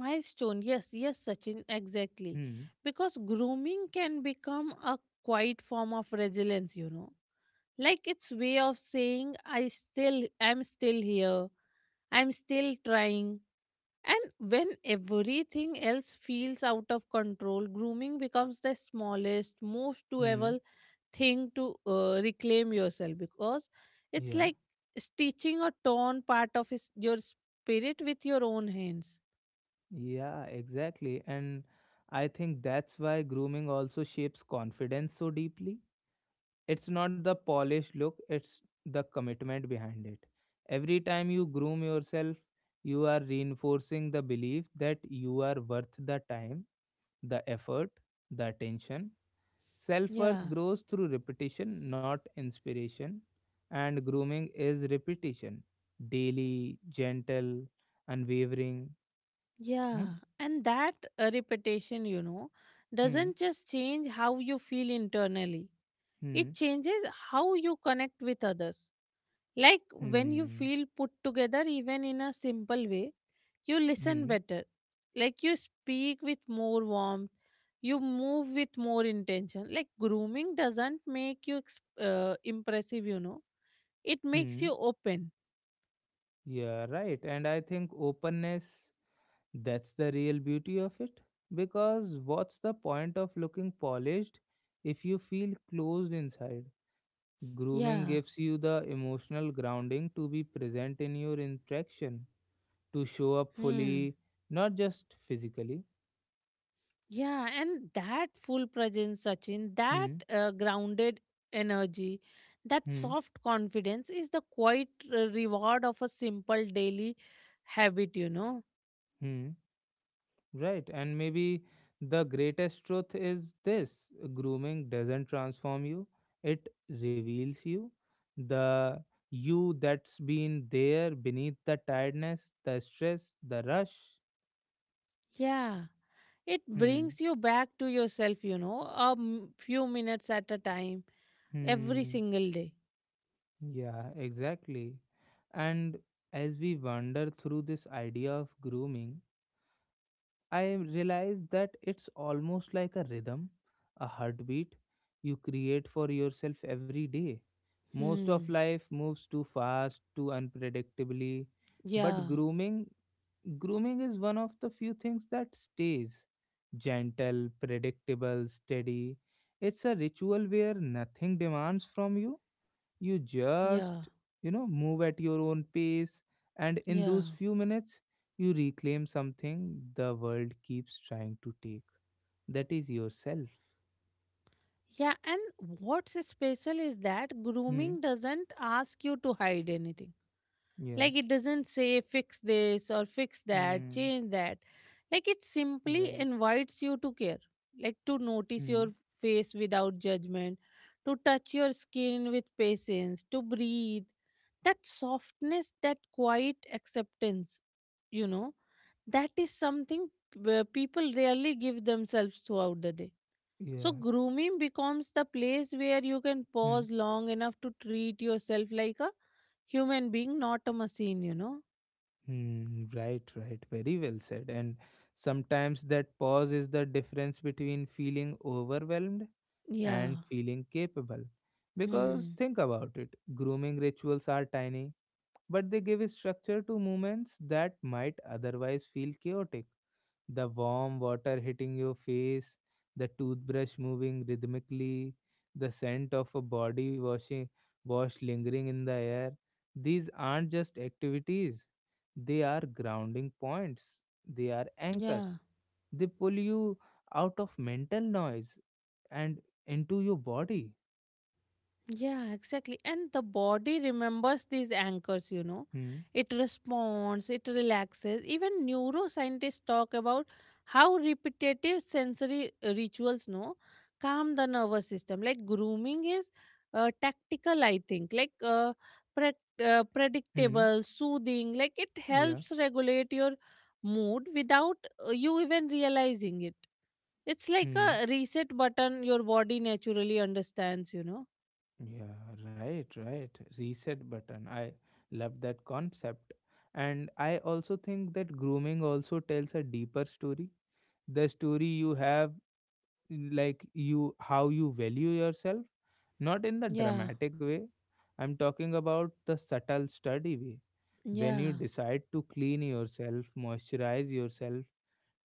B: milestone, yes, yes, Sachin, exactly,
A: Hmm.
B: because grooming can become a quiet form of resilience, you know. Like it's way of saying i still I'm still here, I'm still trying. And when everything else feels out of control, grooming becomes the smallest, most
A: Hmm.
B: doable thing to uh, reclaim yourself, because it's
A: Yeah.
B: like stitching a torn part of his, your spirit with your own hands.
A: Yeah, exactly. And I think that's why grooming also shapes confidence so deeply. It's not the polished look, it's the commitment behind it. Every time you groom yourself, you are reinforcing the belief that you are worth the time, the effort, the attention. Self worth
B: Yeah.
A: grows through repetition, not inspiration. And grooming is repetition, daily, gentle, unwavering.
B: Yeah,
A: Hmm,
B: and that uh, repetition, you know,
A: hmm,
B: doesn't just change how you feel internally. It
A: hmm,
B: changes how you connect with others. Like when you
A: hmm,
B: feel put together, even in a simple way, you listen
A: hmm,
B: better. Like you speak with more warmth, you move with more intention. Like grooming doesn't make you ex- uh, impressive, you know, it makes
A: hmm.
B: you open.
A: Yeah, right. And I think openness, that's the real beauty of it. Because what's the point of looking polished if you feel closed inside? Grooming
B: Yeah.
A: gives you the emotional grounding to be present in your interaction, to show up
B: Hmm.
A: fully, not just physically.
B: Yeah, and that full presence, Sachin, that
A: Hmm,
B: uh, grounded energy, that
A: hmm,
B: soft confidence is the quiet uh, reward of a simple daily habit, you know.
A: hmm. Right. And maybe the greatest truth is this: grooming doesn't transform you, it reveals you. The you that's been there beneath the tiredness, the stress, the rush.
B: Yeah, it
A: Hmm,
B: brings you back to yourself, you know, a m- few minutes at a time, every
A: hmm.
B: single day.
A: Yeah, exactly. And as we wander through this idea of grooming, I realize that it's almost like a rhythm, a heartbeat you create for yourself every day. Most of
B: Hmm.
A: life moves too fast, too unpredictably, but
B: Yeah,
A: grooming grooming is one of the few things that stays gentle, predictable, steady. It's a ritual where nothing demands from you. You just,
B: yeah,
A: you know, move at your own pace, and in
B: yeah.
A: those few minutes, you reclaim something the world keeps trying to take. That is yourself.
B: Yeah, and what's special is that
A: Hmm.
B: grooming doesn't ask you to hide anything.
A: Yeah.
B: Like it doesn't say fix this or fix that,
A: Hmm.
B: change that. Like it simply
A: Right.
B: invites you to care, like to notice
A: Hmm.
B: your face without judgment, to touch your skin with patience, to breathe. That softness, that quiet acceptance, you know, that is something where people rarely give themselves throughout the day. So
A: Yeah.
B: grooming becomes the place where you can
A: Hmm.
B: pause long enough to treat yourself like a human being, not a machine, you know.
A: Hmm. Right. Right. Very well said. And sometimes that pause is the difference between feeling overwhelmed
B: Yeah.
A: and feeling capable. Because
B: Hmm.
A: think about it: grooming rituals are tiny, but they give structure to movements that might otherwise feel chaotic. The warm water hitting your face, the toothbrush moving rhythmically, the scent of a body washing wash lingering in the air. These aren't just activities. They are grounding points. They are
B: Yeah.
A: anchors. They pull you out of mental noise and into your body.
B: Yeah, exactly. And the body remembers these anchors, you know.
A: Hmm.
B: It responds, it relaxes. Even neuroscientists talk about how repetitive sensory uh, rituals, no, calm the nervous system. Like grooming is uh, tactical, I think. Like uh, pre- uh,
A: Hmm.
B: predictable, soothing. Like it
A: Yeah.
B: helps regulate your mood without uh, you even realizing it. It's like
A: Hmm.
B: a reset button your body naturally understands, you know.
A: Yeah, right, right. Reset button. I love that concept. And I also think that grooming also tells a deeper story. The story you have, like you, how you value yourself, not in the
B: Yeah.
A: dramatic way. I'm talking about the subtle, sturdy way. When you
B: Yeah.
A: decide to clean yourself, moisturize yourself,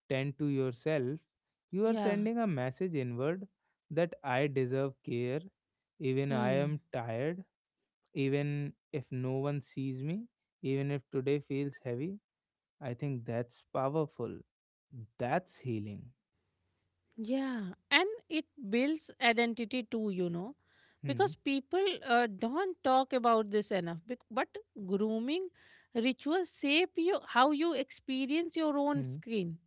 A: tend to yourself, you are
B: Yeah.
A: sending a message inward that I deserve care, even I
B: Hmm.
A: am tired, even if no one sees me, even if today feels heavy. I think that's powerful. That's healing.
B: Yeah. And it builds identity too, you know. Because
A: Hmm.
B: people uh, don't talk about this enough. Bec- But grooming rituals shape you how you experience your own
A: Hmm.
B: skin.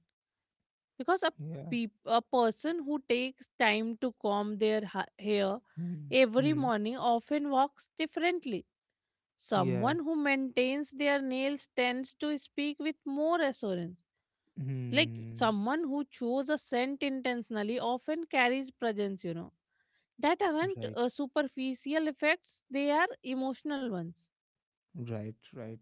B: Because a
A: Yeah.
B: peop- a person who takes time to comb their ha- hair
A: Hmm.
B: every
A: Hmm.
B: morning often walks differently.
A: Yeah.
B: Someone who maintains their nails tends to speak with more assurance. Like
A: Hmm.
B: someone who chose a scent intentionally often carries presence, you know. That aren't
A: Right.
B: uh, superficial effects, they are emotional ones.
A: Right. Right.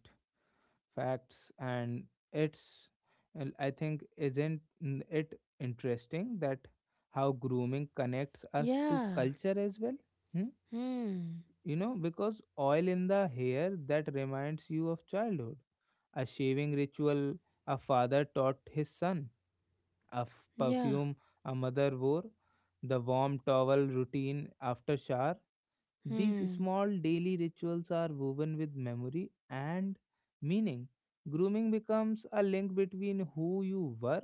A: Facts. And it's. And I think isn't n- it interesting that how grooming connects us to
B: Yeah.
A: culture as well? Hmm?
B: Hmm.
A: You know, because oil in the hair that reminds you of childhood, a shaving ritual a father taught his son, a f-
B: Yeah.
A: perfume a mother wore, the warm towel routine after shower. These
B: Hmm.
A: small daily rituals are woven with memory and meaning. Grooming becomes a link between who you were,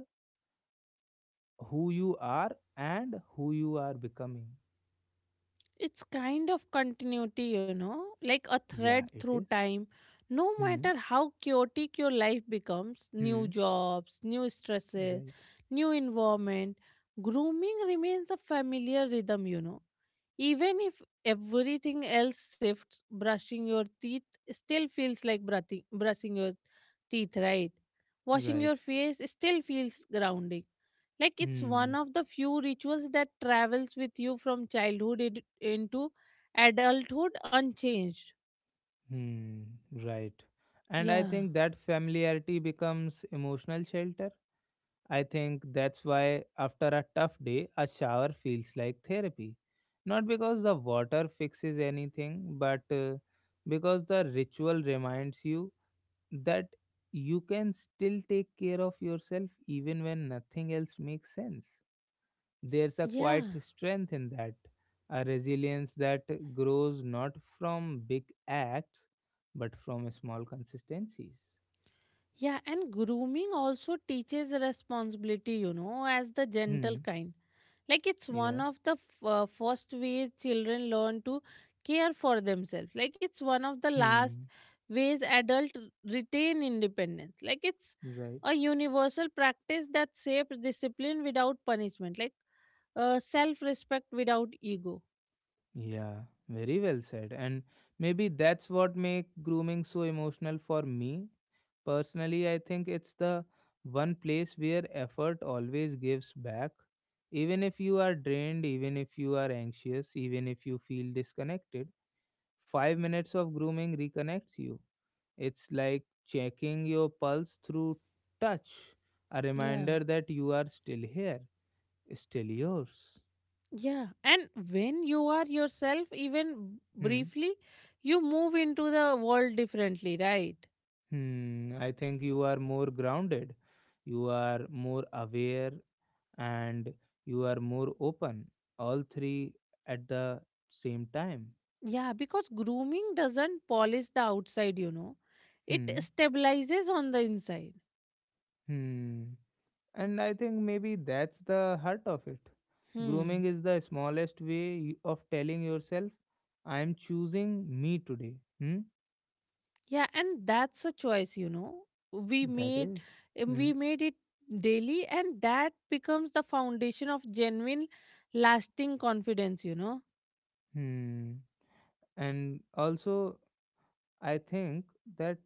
A: who you are, and who you are becoming.
B: It's kind of continuity, you know, like a thread
A: Yeah, it
B: through
A: is.
B: time. No
A: Hmm.
B: matter how chaotic your life becomes, new
A: Hmm.
B: jobs, new stresses,
A: Right.
B: new environment, grooming remains a familiar rhythm, you know. Even if everything else shifts, brushing your teeth still feels like brushing, brushing your teeth, right? Washing
A: Right.
B: your face still feels grounding. Like it's
A: Hmm.
B: one of the few rituals that travels with you from childhood in- into adulthood unchanged.
A: Hmm, right. And I
B: Yeah.
A: think that familiarity becomes emotional shelter. I think that's why after a tough day, a shower feels like therapy. Not because the water fixes anything, but uh, because the ritual reminds you that you can still take care of yourself even when nothing else makes sense. There's a quiet
B: Yeah.
A: strength in that, a resilience that grows not from big acts, but from small consistencies.
B: Yeah, and grooming also teaches responsibility, you know, as the gentle
A: Hmm.
B: kind. Like it's one
A: Yeah.
B: of the f- uh, first ways children learn to care for themselves. Like it's one of the last
A: Hmm.
B: ways adults retain independence. Like it's
A: Right.
B: a universal practice that shapes discipline without punishment, like uh, self respect without ego.
A: Yeah, very well said. And maybe that's what make grooming so emotional for me. Personally, I think it's the one place where effort always gives back. Even if you are drained, even if you are anxious, even if you feel disconnected, five minutes of grooming reconnects you. It's like checking your pulse through touch, a
B: Yeah.
A: reminder that you are still here, still yours.
B: Yeah, and when you are yourself, even
A: Hmm.
B: briefly, you move into the world differently, right?
A: Hmm. I think you are more grounded, you are more aware, and you are more open. All three at the same time.
B: Yeah, because grooming doesn't polish the outside, you know, it
A: Hmm.
B: stabilizes on the inside.
A: Hmm. And I think maybe that's the heart of it.
B: Hmm.
A: Grooming is the smallest way you- of telling yourself, I am choosing me today. Hmm?
B: Yeah, and that's a choice, you know. We
A: That
B: made
A: is.
B: um,
A: Hmm.
B: we made it daily, and that becomes the foundation of genuine, lasting confidence, you know.
A: Hmm. And also, I think that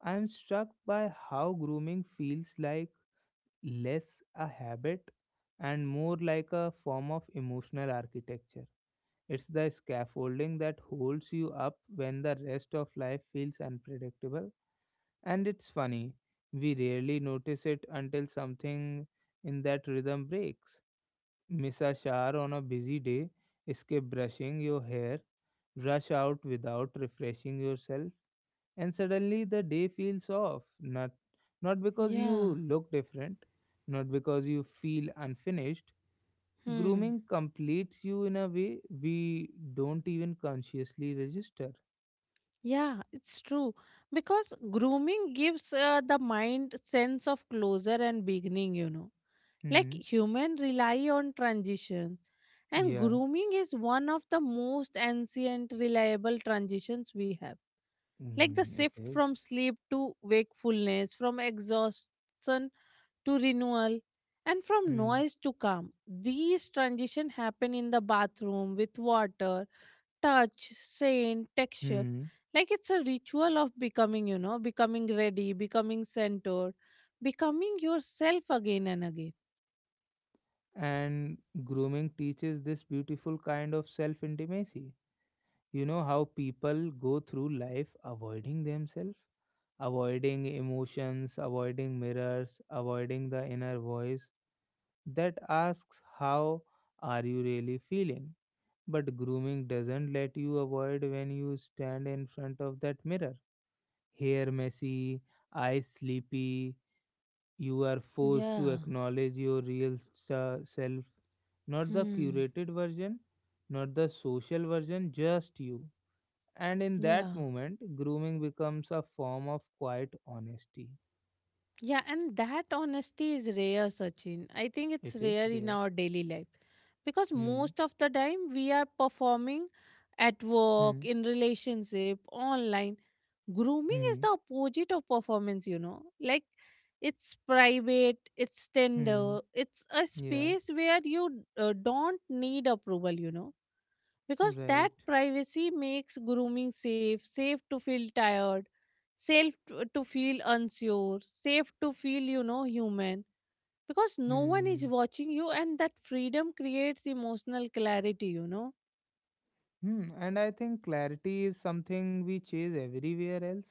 A: I am struck by how grooming feels like less a habit and more like a form of emotional architecture. It's the scaffolding that holds you up when the rest of life feels unpredictable. And it's funny, we rarely notice it until something in that rhythm breaks. Miss a shower on a busy day, skip brushing your hair, rush out without refreshing yourself, and suddenly the day feels off. Not, not because you
B: Yeah.
A: look different, not because you feel unfinished.
B: Hmm.
A: Grooming completes you in a way we don't even consciously register.
B: Yeah, it's true. Because grooming gives uh, the mind sense of closure and beginning, you know. Like
A: Hmm.
B: human rely on transition, and
A: Yeah.
B: grooming is one of the most ancient reliable transitions we have. Like the
A: Mm, it
B: shift from
A: is.
B: sleep to wakefulness, from exhaustion to renewal, and from
A: Hmm.
B: noise to calm. These transition happen in the bathroom with water, touch, scent, texture.
A: Hmm.
B: Like it's a ritual of becoming, you know, becoming ready, becoming centered, becoming yourself again and again.
A: And grooming teaches this beautiful kind of self intimacy. You know how people go through life avoiding themselves, avoiding emotions, avoiding mirrors, avoiding the inner voice that asks, how are you really feeling? But grooming doesn't let you avoid. When you stand in front of that mirror, hair messy, eyes sleepy, you are forced to
B: Yeah.
A: acknowledge your real sa- self, not the
B: Hmm.
A: curated version, not the social version, just you. And in
B: Yeah.
A: that moment, grooming becomes a form of quiet honesty.
B: Yeah, and that honesty is rare, Sachin. I think it's
A: It is
B: rare in
A: there.
B: our daily life because
A: Hmm.
B: most of the time we are performing at work,
A: Hmm.
B: in relationship, online. Grooming is
A: Hmm.
B: the opposite of performance, you know. Like it's private, it's
A: Hmm.
B: tender, it's a
A: Yeah.
B: space where you uh, don't need approval, you know, because that
A: Right.
B: privacy makes grooming safe, safe to feel tired, safe to to feel unsure, safe to feel, you know, human. Because no one is
A: Hmm.
B: watching you, and that freedom creates emotional clarity, you know.
A: Hmm. And I think clarity is something we chase everywhere else,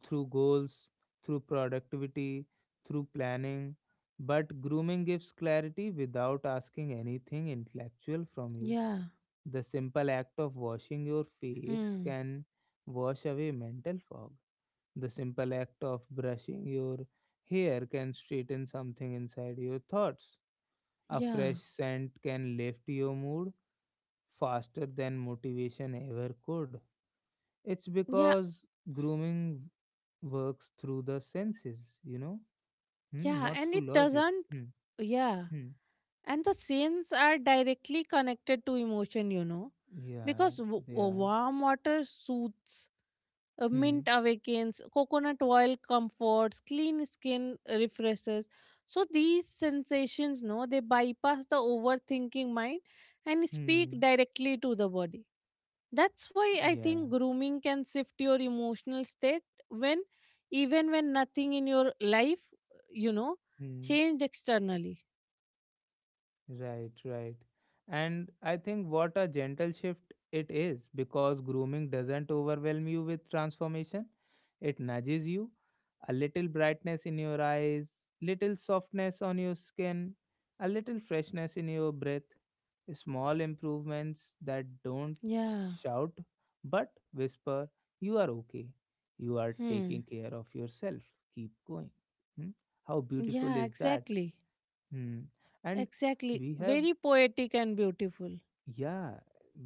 A: through goals, through productivity, through planning. But grooming gives clarity without asking anything intellectual from you.
B: Yeah.
A: The simple act of washing your face
B: Hmm.
A: can wash away mental fog. The simple act of brushing your hair can straighten something inside your thoughts. A
B: Yeah.
A: fresh scent can lift your mood faster than motivation ever could. It's
B: Yeah.
A: because grooming works through the senses, you know, hmm,
B: Yeah.
A: not
B: And
A: through
B: it
A: logic.
B: doesn't.
A: Hmm.
B: Yeah.
A: Hmm.
B: And the scenes are directly connected to emotion, you know.
A: Yeah,
B: Because w-
A: they are.
B: warm water soothes, uh, mint
A: Hmm.
B: awakens, coconut oil comforts, clean skin refreshes. So these sensations, no, they bypass the overthinking mind and speak
A: Hmm.
B: directly to the body. That's why I
A: Yeah.
B: think grooming can shift your emotional state when, even when nothing in your life, you know,
A: Hmm.
B: changed externally.
A: Right, right. And I think what a gentle shift it is, because grooming doesn't overwhelm you with transformation. It nudges you. A little brightness in your eyes, little softness on your skin, a little freshness in your breath. Small improvements that don't
B: Yeah.
A: shout but whisper, you are okay. You are
B: Hmm.
A: taking care of yourself. Keep going. Hmm? How beautiful
B: Yeah.
A: is that?
B: Exactly.
A: Hmm. And
B: Exactly.
A: we have
B: Very poetic and beautiful.
A: yeah,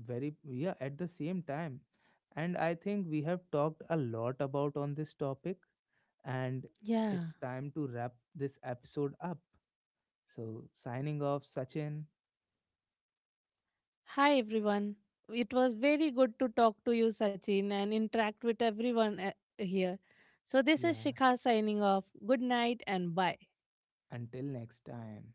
A: very, yeah, at the same time. And I think we have talked a lot about on this topic, and
B: Yeah.
A: it's time to wrap this episode up. So, signing off, Sachin.
B: Hi everyone. It was very good to talk to you, Sachin, and interact with everyone uh, here. So, this is
A: Yeah,
B: Shikha signing off. Good night and bye.
A: until next time.